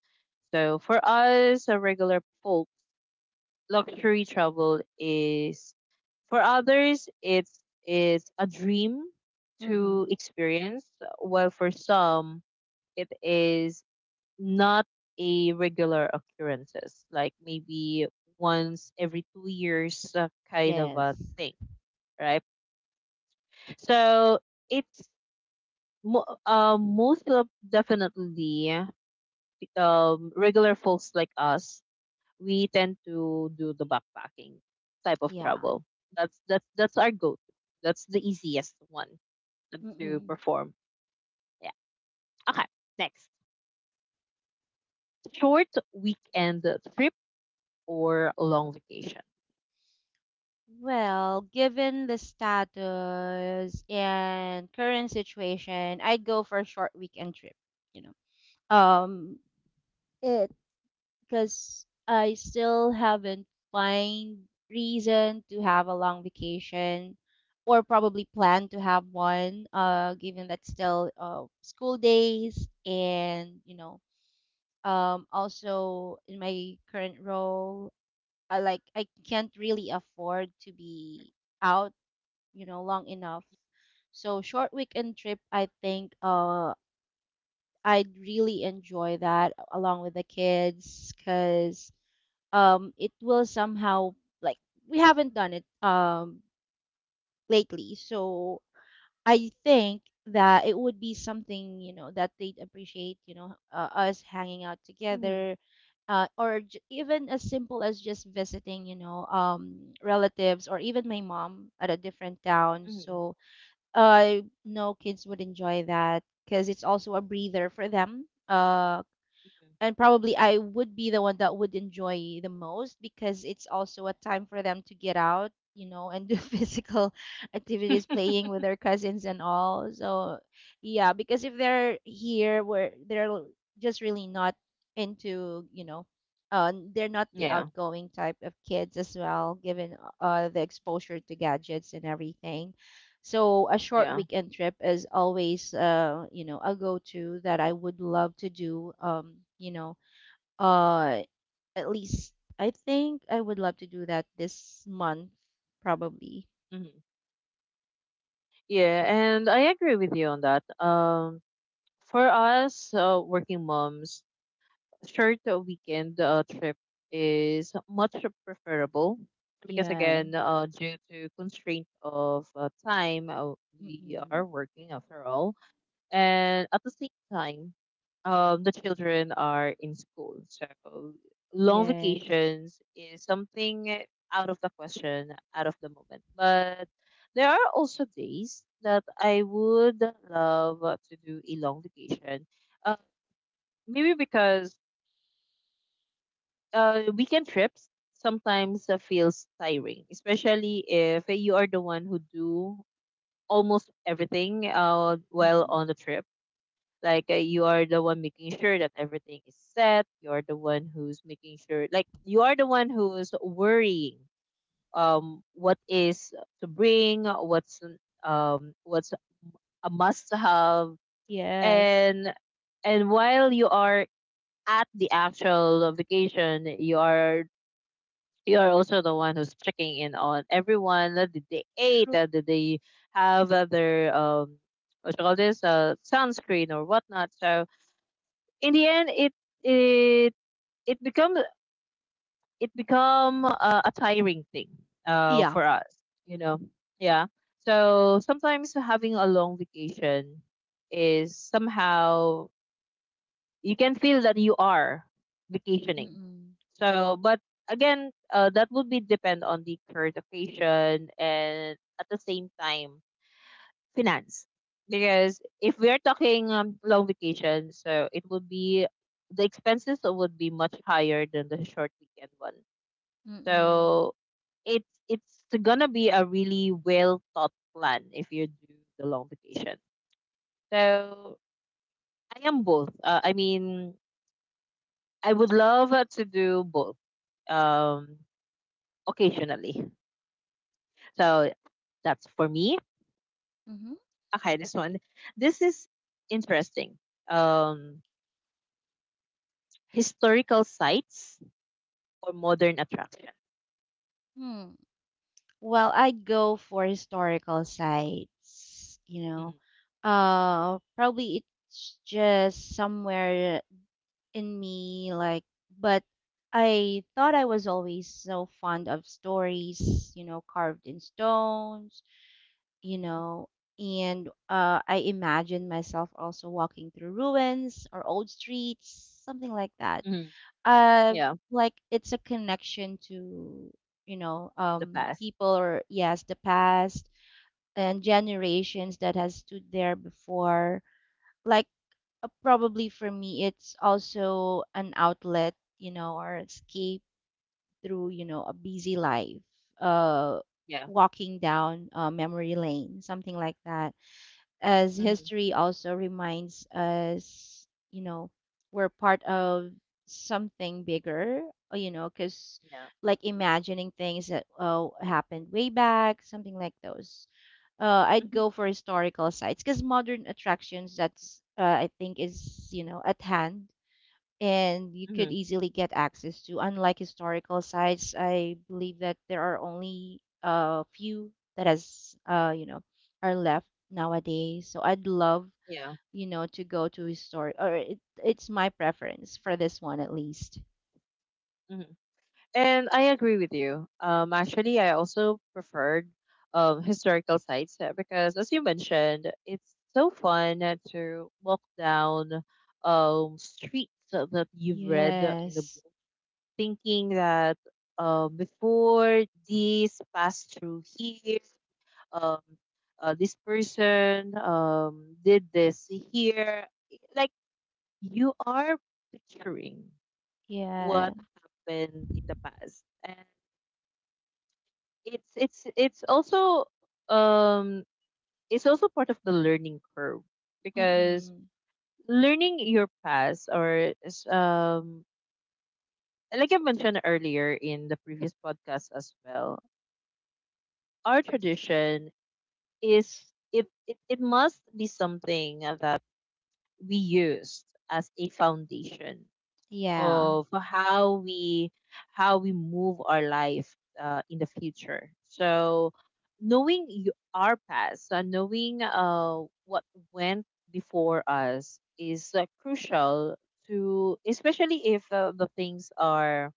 [SPEAKER 1] So for us, a regular folk, luxury travel is, for others it's a dream to
[SPEAKER 2] Mm.
[SPEAKER 1] experience, while for some it is not a regular occurrences, like maybe once every 2 years kind of a
[SPEAKER 2] Yes.
[SPEAKER 1] thing, right? So it's most of definitely regular folks like us. We tend to do the backpacking type of
[SPEAKER 2] Yeah.
[SPEAKER 1] travel. That's our go-to. That's the easiest one to
[SPEAKER 2] Mm.
[SPEAKER 1] perform. Yeah. Okay. Next, short weekend trip or long vacation.
[SPEAKER 2] Well, given the status and current situation, I go for a short weekend trip, you know. Um it because I still haven't find reason to have a long vacation or probably plan to have one given that still school days and you know, also in my current role I can't really afford to be out you know long enough so short weekend trip I think I'd really enjoy that along with the kids because it will somehow like we haven't done it lately so I think that it would be something, you know, that they'd appreciate, you know, us hanging out
[SPEAKER 1] Mhm,
[SPEAKER 2] together, or even as simple as just visiting, you know, relatives or even my mom at a different town.
[SPEAKER 1] mhm,
[SPEAKER 2] So I know kids would enjoy that because it's also a breather for them.
[SPEAKER 1] mhm.
[SPEAKER 2] And probably I would be the one that would enjoy the most because it's also a time for them to get out, you know, and do [laughs] physical activities,
[SPEAKER 1] [laughs]
[SPEAKER 2] playing with their cousins and all. So, yeah, because if they're here where just really not into, you know, they're not the
[SPEAKER 1] Yeah,
[SPEAKER 2] outgoing type of kids as well, given the exposure to gadgets and everything. So a short
[SPEAKER 1] yeah,
[SPEAKER 2] weekend trip is always, you know, a go-to that I would love to do. You know, uh, at least I think I would love to do that this month, probably.
[SPEAKER 1] mhm. Yeah, and I agree with you on that. For us, working moms, short weekend trip is much preferable because
[SPEAKER 2] Yeah.
[SPEAKER 1] again due to constraint of time, we are
[SPEAKER 2] Mm-mm.
[SPEAKER 1] working after all, and at the same time the children are in school, so long
[SPEAKER 2] Yes.
[SPEAKER 1] vacations is something out of the question out of the moment. But there are also days that I would love to do a long vacation, uh, maybe because weekend trips sometimes feels tiring, especially if you are the one who do almost everything while
[SPEAKER 2] Mm-hmm.
[SPEAKER 1] on the trip. Like you are the one making sure that everything is set. You are the one who's making sure, like you are the one who's worrying what is to bring, what's a must have,
[SPEAKER 2] Yes.
[SPEAKER 1] and while you are at the actual vacation, you are also the one who's checking in on everyone. Did they ate?
[SPEAKER 2] True.
[SPEAKER 1] Did they have their what you call this, sunscreen or whatnot? So in the end, it it become, a tiring thing
[SPEAKER 2] Yeah.
[SPEAKER 1] for us. You know, yeah. So sometimes having a long vacation is somehow you can feel that you are vacationing.
[SPEAKER 2] Mm-mm.
[SPEAKER 1] So, but again, that would be depend on the current occasion, and at the same time finance. Because if we are talking long vacation, so it would be the expenses would be much higher than the short weekend one.
[SPEAKER 2] Mm-mm.
[SPEAKER 1] So it's gonna be a really well thought plan if you do the long vacation. So I am both. I mean, I would love to do both um, occasionally. So that's for me.
[SPEAKER 2] Mm-hmm.
[SPEAKER 1] Okay, this one. This is interesting. Um, historical sites or modern attraction?
[SPEAKER 2] Hmm. Well, I'd go for historical sites, you know.
[SPEAKER 1] Mhm,
[SPEAKER 2] Probably it's just somewhere in me, like, but I thought I was always so fond of stories, you know, carved in stones, you
[SPEAKER 1] mhm,
[SPEAKER 2] know, and I imagine myself also walking through ruins or old streets, something like that
[SPEAKER 1] mhm.
[SPEAKER 2] uh
[SPEAKER 1] Yeah,
[SPEAKER 2] like it's a connection to you know
[SPEAKER 1] the
[SPEAKER 2] um
[SPEAKER 1] past.
[SPEAKER 2] people or yes the past and generations that has stood there before like probably for me it's also an outlet you know or escape through you know a busy life uh
[SPEAKER 1] Yeah.
[SPEAKER 2] walking down memory lane something like that as
[SPEAKER 1] Hmm.
[SPEAKER 2] history also reminds us, you know, we're part of something bigger, you know, because
[SPEAKER 1] Yeah.
[SPEAKER 2] like imagining things that happened way back, something like those. I'd
[SPEAKER 1] Hmm.
[SPEAKER 2] go for historical sites because modern attractions, that's, I think, is, you know, at hand and you could
[SPEAKER 1] Hmm.
[SPEAKER 2] easily get access to. Unlike historical sites, I believe that there are only a few that has you know are left nowadays. So I'd love
[SPEAKER 1] Yeah.
[SPEAKER 2] you know to go to historic or it, it's my preference for this one at least.
[SPEAKER 1] Hmm. And I agree with you. Actually, I also preferred historical sites because, as you mentioned, it's so fun to walk down streets that you've read in the
[SPEAKER 2] Yes.
[SPEAKER 1] book, thinking that, before, this passed through here, um, this person did this here. Like you are picturing what
[SPEAKER 2] Yeah.
[SPEAKER 1] happened in the past. It's also um it's also part of the learning curve, because
[SPEAKER 2] Mm-mm.
[SPEAKER 1] learning your past or is, like I mentioned earlier in the previous podcast as well, our tradition is, it must be something that we used as a foundation
[SPEAKER 2] Yeah.
[SPEAKER 1] of how we move our life in the future. So knowing our past, knowing what went before us is crucial to, especially if the things are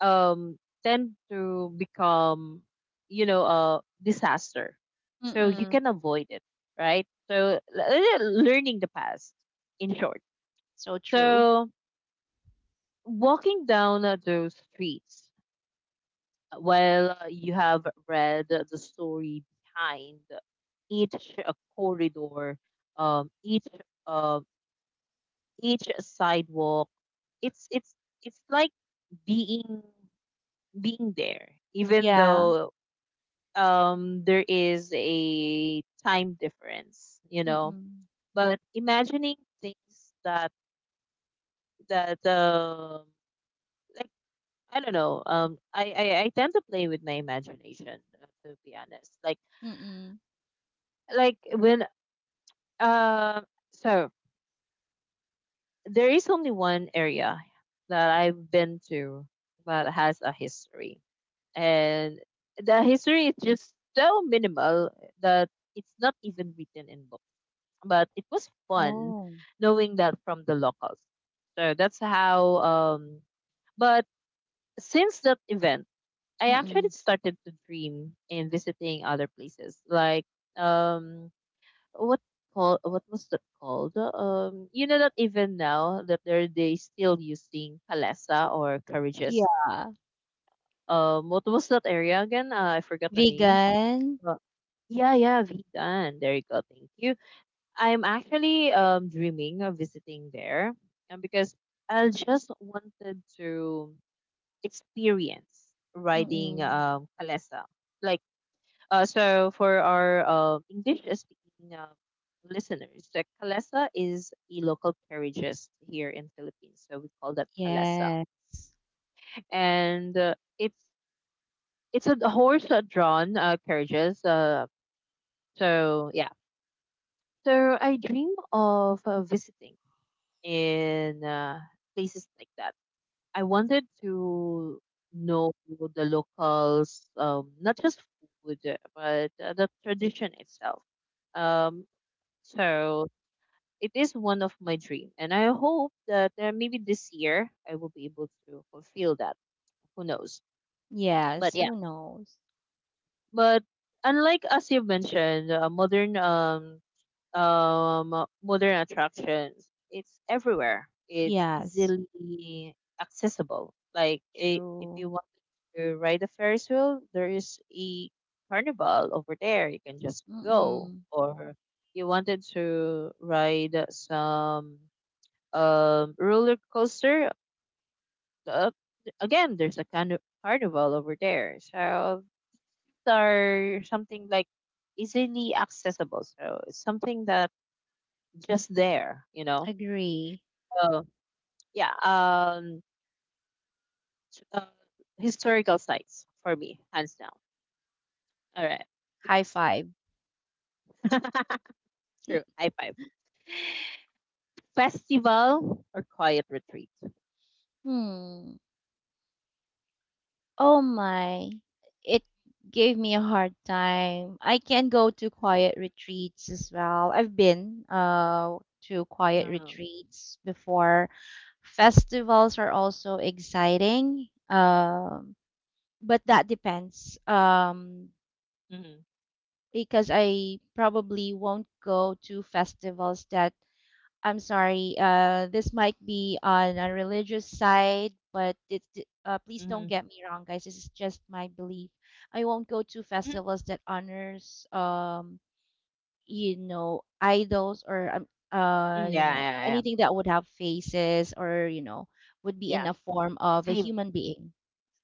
[SPEAKER 1] tend to become, you know, a disaster. So you
[SPEAKER 2] Mm-mm.
[SPEAKER 1] can avoid it, right? So learning the past, in short.
[SPEAKER 2] So true.
[SPEAKER 1] So walking down those streets while you have read the story behind each corridor, um each um each sidewalk, it's it's like being, being there even
[SPEAKER 2] Yeah.
[SPEAKER 1] though there is a time difference, you know,
[SPEAKER 2] Mm-mm.
[SPEAKER 1] but imagining things that, that um like, I don't know. I tend to play with my imagination, to be honest. Like,
[SPEAKER 2] Mm-mm.
[SPEAKER 1] when um, so there is only one area that I've been to that has a history, and the history is just so minimal that it's not even written in books. But it was fun
[SPEAKER 2] Oh.
[SPEAKER 1] knowing that from the locals. So that's how. But since that event, I actually
[SPEAKER 2] Mm-mm.
[SPEAKER 1] started to dream in visiting other places, like, um, what, call what was that called? You know that even now that they still using Palesa or carriages.
[SPEAKER 2] Yeah.
[SPEAKER 1] What was that area again? I forgot the name.
[SPEAKER 2] Vegan?
[SPEAKER 1] Uh, yeah, yeah, Vigan. There you go. Thank you. I'm actually dreaming of visiting there, and because I just wanted to experience riding
[SPEAKER 2] Mm-mm.
[SPEAKER 1] Palesa. Like. So for our English speaking listeners, the kalesa is a local carriages here in Philippines. So we call that kalesa,
[SPEAKER 2] Yes.
[SPEAKER 1] and it's a horse drawn carriages. So yeah, so I dream of visiting in places like that. I wanted to know the locals, not just food, but the tradition itself. Um, so it is one of my dream, and I hope that, maybe this year I will be able to fulfill that. Who knows? But
[SPEAKER 2] Yes.
[SPEAKER 1] yeah,
[SPEAKER 2] Who knows?
[SPEAKER 1] but unlike, as you mentioned, modern, modern attractions, it's everywhere, it's
[SPEAKER 2] Yes.
[SPEAKER 1] easily accessible. Like, I if
[SPEAKER 2] True.
[SPEAKER 1] you want to ride a ferris wheel, there is a carnival over there, you can just go,
[SPEAKER 2] Mm-mm.
[SPEAKER 1] or you wanted to ride some roller coaster. Uh, again, there's a kind of carnival over there. So these are something like easily accessible. So it's something that just there, you know.
[SPEAKER 2] Agree.
[SPEAKER 1] So yeah, t- uh, historical sites for me, hands down. All right,
[SPEAKER 2] High
[SPEAKER 1] next.
[SPEAKER 2] five. [clears throat]
[SPEAKER 1] [laughs] True. High five. Festival or quiet retreat?
[SPEAKER 2] Hmm. Oh my. It gave me a hard time. I can go to quiet retreats as well. I've been to quiet
[SPEAKER 1] Uh-huh.
[SPEAKER 2] retreats before. Festivals are also exciting. But that depends.
[SPEAKER 1] Mm-hmm.
[SPEAKER 2] Because I probably won't go to festivals that I'm sorry, this might be on a religious side, but it's please don't
[SPEAKER 1] Hmm.
[SPEAKER 2] get me wrong, guys. This is just my belief. I won't go to
[SPEAKER 1] Hmm.
[SPEAKER 2] festivals that honors, you know, idols or
[SPEAKER 1] Yeah,
[SPEAKER 2] you know,
[SPEAKER 1] yeah, yeah.
[SPEAKER 2] anything that would have faces or you know would be in
[SPEAKER 1] Yeah.
[SPEAKER 2] a form of a
[SPEAKER 1] Same.
[SPEAKER 2] human being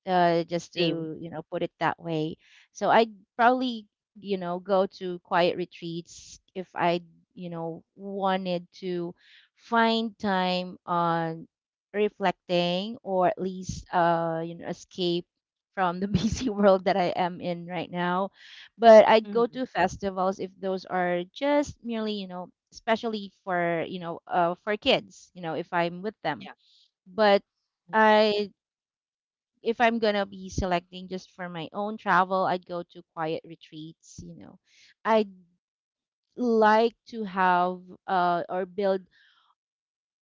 [SPEAKER 2] just
[SPEAKER 1] Same.
[SPEAKER 2] to you know put it that way. So I'd probably you know go to quiet retreats if I you know wanted to find time on reflecting or at least you know escape from the [laughs] busy world that I am in right now. But I'd go
[SPEAKER 1] Hmm.
[SPEAKER 2] to festivals if those are just merely you know especially for you know for kids you know if I'm with them.
[SPEAKER 1] Yeah.
[SPEAKER 2] But
[SPEAKER 1] Mm-hmm.
[SPEAKER 2] I if I'm gonna be selecting just for my own travel, I'd go to quiet retreats. You know, I'd like to have or build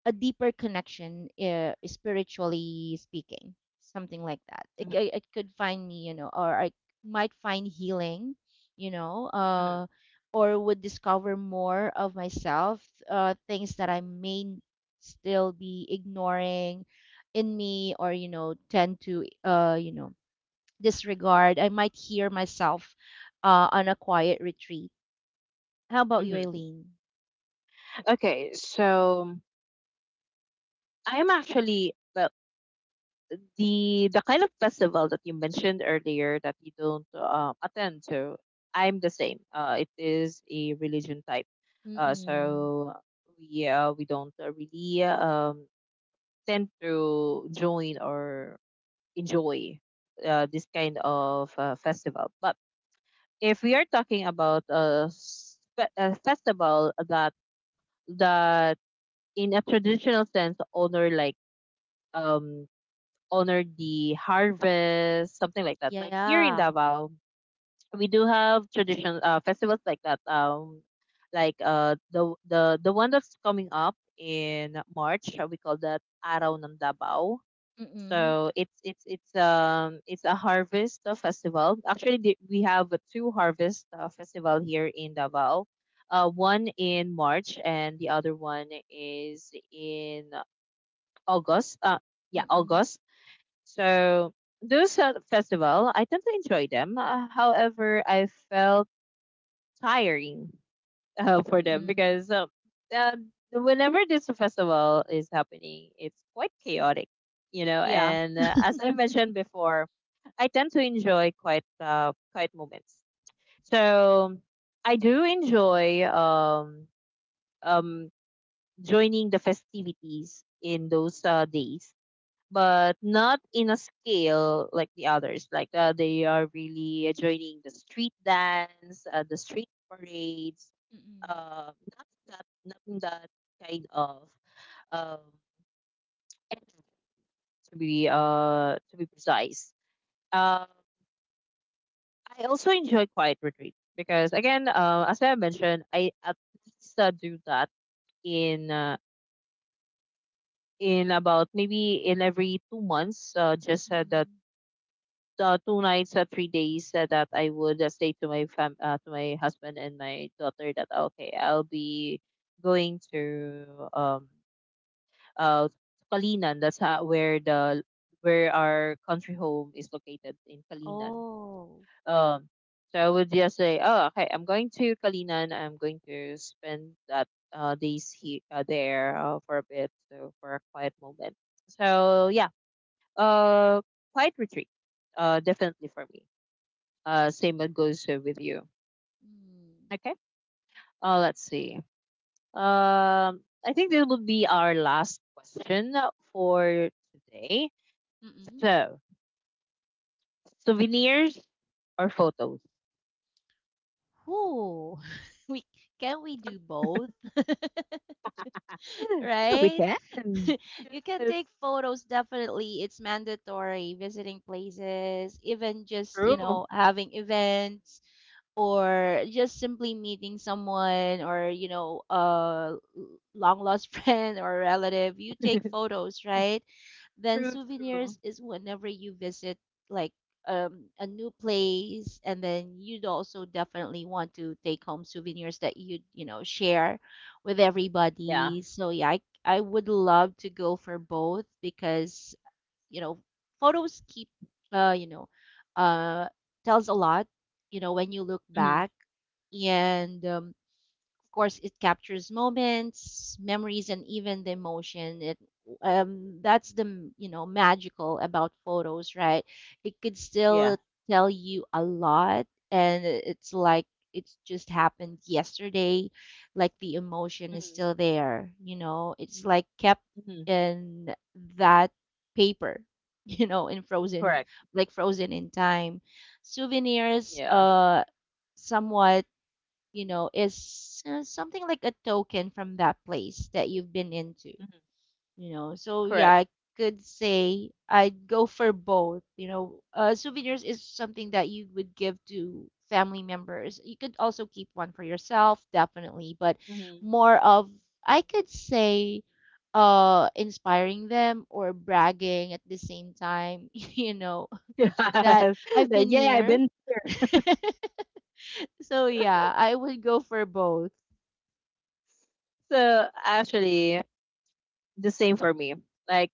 [SPEAKER 2] a deeper connection, spiritually speaking, something like that.
[SPEAKER 1] Mhm,
[SPEAKER 2] It could find me, you know, or I might find healing, you know,
[SPEAKER 1] mhm,
[SPEAKER 2] or would discover more of myself, things that I may still be ignoring in me or you know tend to you know disregard, I might hear myself on a quiet retreat. How about you,
[SPEAKER 1] mhm.
[SPEAKER 2] Eileen?
[SPEAKER 1] Okay, so I am actually the kind of festival that you mentioned earlier that you don't attend to. I'm the same. It is a religion type.
[SPEAKER 2] Mm-mm.
[SPEAKER 1] So we don't really tend to join or enjoy this kind of festival. But if we are talking about a festival that, that in a traditional sense honor, like um honor the harvest, something like that. Like here in
[SPEAKER 2] Yeah.
[SPEAKER 1] Davao, we do have traditional festivals like that, like the one that's coming up in March, we call that Araw ng Davao.
[SPEAKER 2] Mm-mm.
[SPEAKER 1] So it's it's a harvest festival. Actually, we have 2 harvest festival here in Davao, one in March and the other one is in August. Yeah,
[SPEAKER 2] Mm-mm.
[SPEAKER 1] August. So those festival, I tend to enjoy them. However, I felt tiring [laughs] for them,
[SPEAKER 2] Mm-mm.
[SPEAKER 1] because uh, whenever this festival is happening, it's quite chaotic, you know.
[SPEAKER 2] Yeah.
[SPEAKER 1] And as I
[SPEAKER 2] [laughs]
[SPEAKER 1] mentioned before, I tend to enjoy quite quiet moments. So I do enjoy um, joining the festivities in those days, but not in a scale like the others. Like they are really joining the street dance, the street parades,
[SPEAKER 2] Mm-mm.
[SPEAKER 1] not that, not in that kind of um, energy, to be precise. Um, I also enjoy quiet retreat because again, as I mentioned, I at least do that in uh, in about maybe in every 2 months, just the
[SPEAKER 2] Mm-mm.
[SPEAKER 1] two nights or 3 days that I would say to to my husband and my daughter that okay, I'll be going to uh Kalinan. That's how, where the where our country home is located in Kalinan.
[SPEAKER 2] Oh.
[SPEAKER 1] Um, so I would just say, oh, okay, I'm going to Kalinan. I'm going to spend that days there for a bit, so for a quiet moment. So yeah, uh, quiet retreat, definitely for me, same goes with you.
[SPEAKER 2] Mm.
[SPEAKER 1] Okay. Let's see. I think this will be our last question for today.
[SPEAKER 2] Mm-mm.
[SPEAKER 1] So, souvenirs or photos?
[SPEAKER 2] Who [laughs] we can we do both, [laughs]
[SPEAKER 1] [laughs] We
[SPEAKER 2] right?
[SPEAKER 1] can.
[SPEAKER 2] [laughs] You can
[SPEAKER 1] Yes.
[SPEAKER 2] take photos. Definitely, it's mandatory. Visiting places, even just you
[SPEAKER 1] True.
[SPEAKER 2] know having events or just simply meeting someone or you know a long lost [laughs] friend or relative you take
[SPEAKER 1] [laughs]
[SPEAKER 2] photos right then
[SPEAKER 1] True. True.
[SPEAKER 2] souvenirs is whenever you visit like a new place and then you'd also definitely want to take home souvenirs that you know share with
[SPEAKER 1] Yeah.
[SPEAKER 2] everybody so yeah I would love to go for both because you know photos keep you know uh tells a lot you know when you look
[SPEAKER 1] Hmm.
[SPEAKER 2] back and course, it captures moments, memories, and even the emotion. It that's you know magical about photos, right? It could still
[SPEAKER 1] Yeah.
[SPEAKER 2] tell you a lot, and it's like it's just happened yesterday. Like the emotion is
[SPEAKER 1] Hmm.
[SPEAKER 2] still there. You know, it's like kept
[SPEAKER 1] Hmm.
[SPEAKER 2] in that paper. [laughs] You know, in frozen,
[SPEAKER 1] Correct.
[SPEAKER 2] like frozen in time. Souvenirs,
[SPEAKER 1] Yeah.
[SPEAKER 2] somewhat you know, is something like a token from that place that you've been into,
[SPEAKER 1] Hmm.
[SPEAKER 2] you know. So yeah,
[SPEAKER 1] Correct.
[SPEAKER 2] I could say I'd go for both, you know. Souvenirs is something that you would give to family members. You could also keep one for yourself, definitely, but
[SPEAKER 1] Hmm.
[SPEAKER 2] more of I could say inspiring them or bragging at the same time, [laughs] you know,
[SPEAKER 1] [laughs]
[SPEAKER 2] that
[SPEAKER 1] Yeah.
[SPEAKER 2] I've been
[SPEAKER 1] I've
[SPEAKER 2] here.
[SPEAKER 1] been
[SPEAKER 2] [laughs] So yeah, I would go for both.
[SPEAKER 1] so actually the same for me. Like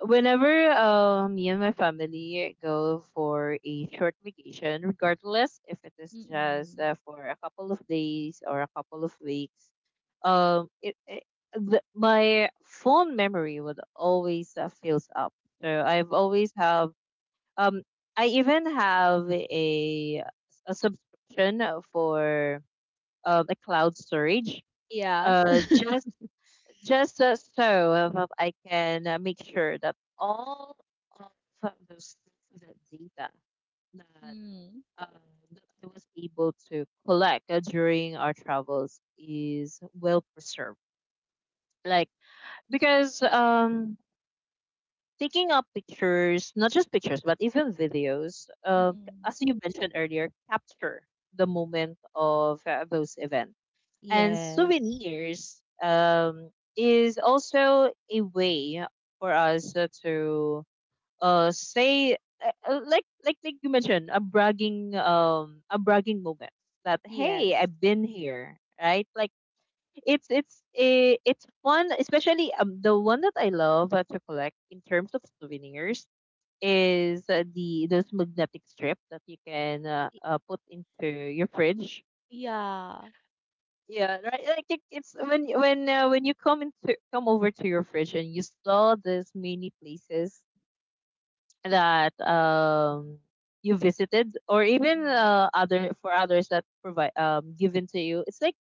[SPEAKER 1] whenever me and my family go for a short vacation, regardless if it is just
[SPEAKER 2] Mm.
[SPEAKER 1] for a couple of days or a couple of weeks, um, it, it my phone memory would always fills up. So I've always have um I even have a subscription for a cloud storage
[SPEAKER 2] Yeah.
[SPEAKER 1] uh just just so I can make sure that all of those sensitive data that,
[SPEAKER 2] Mm.
[SPEAKER 1] uh, that I was able to collect during our travels is well preserved. Like, because taking up pictures, not just pictures, but even videos,
[SPEAKER 2] Mm.
[SPEAKER 1] as you mentioned earlier, capture the moment of those events and
[SPEAKER 2] Yes.
[SPEAKER 1] souvenirs is also a way for us to say like you mentioned, a bragging moment that hey,
[SPEAKER 2] Yes.
[SPEAKER 1] I've been here, right? Like it's fun, especially the one that I love to collect in terms of souvenirs is the those magnetic strip that you can
[SPEAKER 2] Y-
[SPEAKER 1] put into your fridge,
[SPEAKER 2] Yeah.
[SPEAKER 1] yeah, right. Like it's when you come over to your fridge and you saw these many places that you visited or even
[SPEAKER 2] Mm.
[SPEAKER 1] other for others that provide, given to you. It's like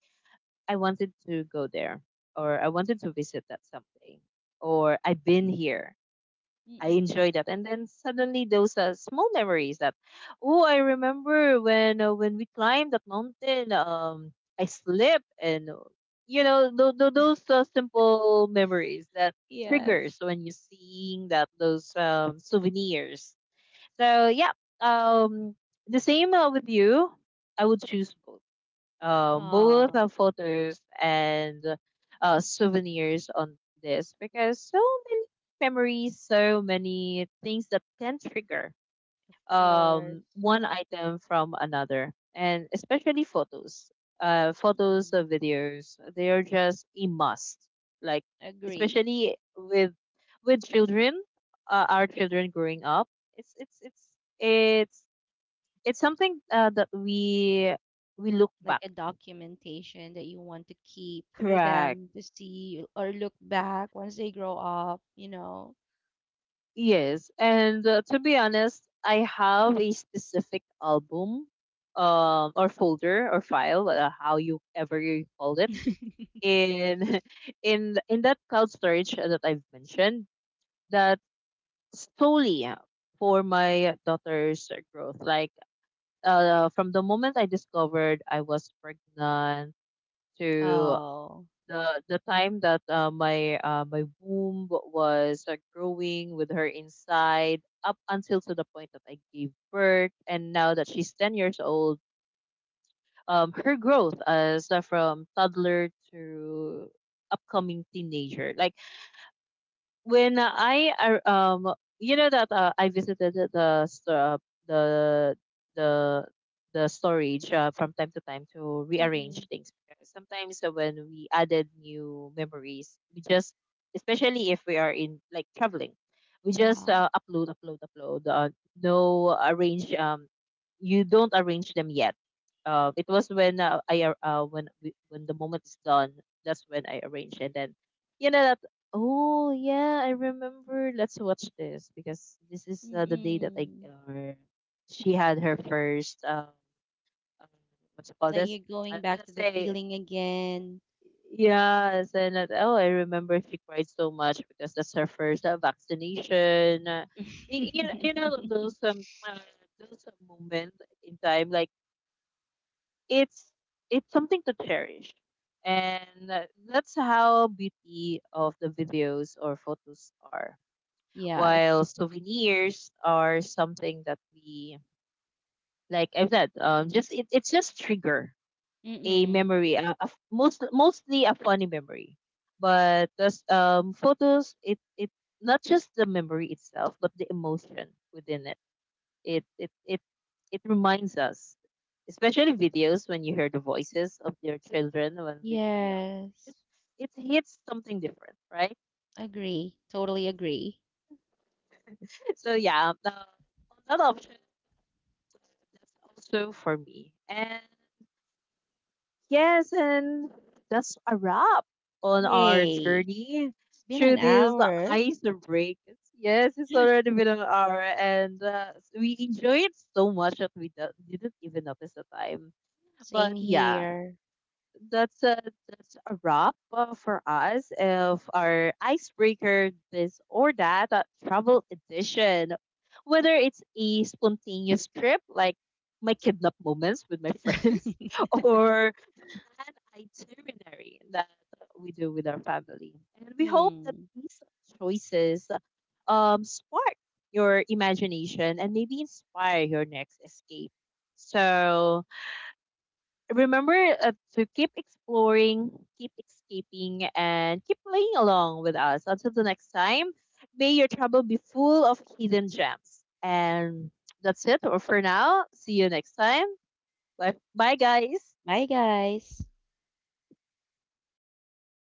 [SPEAKER 1] I wanted to go there, or I wanted to visit that someday, or I've been here. I
[SPEAKER 2] Mm.
[SPEAKER 1] enjoy that. And then suddenly those small memories oh, I remember when we climbed that mountain, I slipped, and
[SPEAKER 2] [laughs]
[SPEAKER 1] those simple memories that
[SPEAKER 2] Yes.
[SPEAKER 1] triggers when you seeing that, those souvenirs. So yeah, um, the same with you. I would choose both
[SPEAKER 2] Ah,
[SPEAKER 1] photos and souvenirs on this because so many memories, so many things that can trigger
[SPEAKER 2] of course.
[SPEAKER 1] one item from another, and especially photos. Photos
[SPEAKER 2] Mm.
[SPEAKER 1] or videos, they are just a must. Like,
[SPEAKER 2] Agree.
[SPEAKER 1] especially with children, our children growing up, it's it's it's it's it's something that we look
[SPEAKER 2] Like
[SPEAKER 1] back.
[SPEAKER 2] a documentation that you want to keep for
[SPEAKER 1] Correct.
[SPEAKER 2] them to see or look back once they grow up, you know.
[SPEAKER 1] Yes, and to be honest, I have a specific album, or folder or file, how you ever you call it,
[SPEAKER 2] [laughs]
[SPEAKER 1] in [laughs] in that cloud storage that I've mentioned, that solely for my daughter's growth. Like, from the moment I discovered I was pregnant to
[SPEAKER 2] Oh.
[SPEAKER 1] the time that my womb was growing with her inside up until to the point that I gave birth, and now that she's 10 years old, her growth, as from toddler to upcoming teenager. Like you know that I visited the st- the the the storage from time to time to
[SPEAKER 2] Mm.
[SPEAKER 1] rearrange things. Because sometimes when we added new memories, we just, especially if we are in like traveling, we just
[SPEAKER 2] Yeah.
[SPEAKER 1] upload, upload, upload. No arrange, you don't arrange them yet. It was when I ar- when we, when the moment is done. That's when I arrange, and then you know, oh yeah, I remember. Let's watch this because this is the day that I
[SPEAKER 2] Mm.
[SPEAKER 1] she had her first um what you call
[SPEAKER 2] Like you're
[SPEAKER 1] this?
[SPEAKER 2] going back to
[SPEAKER 1] Let's
[SPEAKER 2] the
[SPEAKER 1] say
[SPEAKER 2] feeling again.
[SPEAKER 1] yes, and that, oh, I remember she cried so much because that's her first vaccination. You know
[SPEAKER 2] [laughs]
[SPEAKER 1] those moments in time, like it's it's something to cherish. And that's how beauty of the videos or photos are,
[SPEAKER 2] Yes.
[SPEAKER 1] while souvenirs are something that we, like I've said, just it's just trigger a
[SPEAKER 2] Mm-mm.
[SPEAKER 1] memory, most mostly a funny memory. But those photos, it not just the memory itself but the emotion within it. It it it, it reminds us, especially videos, when you hear the voices of their children when they were young.
[SPEAKER 2] Yes.
[SPEAKER 1] it, it hits something different, right?
[SPEAKER 2] Agree. Totally agree.
[SPEAKER 1] So yeah, that option, that's also for me. And yes, and that's a wrap on our
[SPEAKER 2] Yay.
[SPEAKER 1] journey
[SPEAKER 2] It's been an
[SPEAKER 1] through these
[SPEAKER 2] hour.
[SPEAKER 1] ice breaks. Yes, it's
[SPEAKER 2] [gasps]
[SPEAKER 1] already been an hour, and we enjoyed so much that we didn't even notice the time.
[SPEAKER 2] [laughs] Same
[SPEAKER 1] But yeah,
[SPEAKER 2] here.
[SPEAKER 1] that's a that's a wrap for us of our icebreaker this or that travel edition. Whether it's a spontaneous trip like my kidnap moments with my friends, [laughs]
[SPEAKER 2] [laughs]
[SPEAKER 1] or the planned itinerary that we do with our family, and we hope that
[SPEAKER 2] Mm.
[SPEAKER 1] these choices spark your imagination and maybe inspire your next escape. So remember to keep exploring, keep escaping, and keep playing along with us. Until the next time, may your travel be full of hidden gems. And that's it for now. See you next time. Bye, bye guys.
[SPEAKER 2] Bye, guys.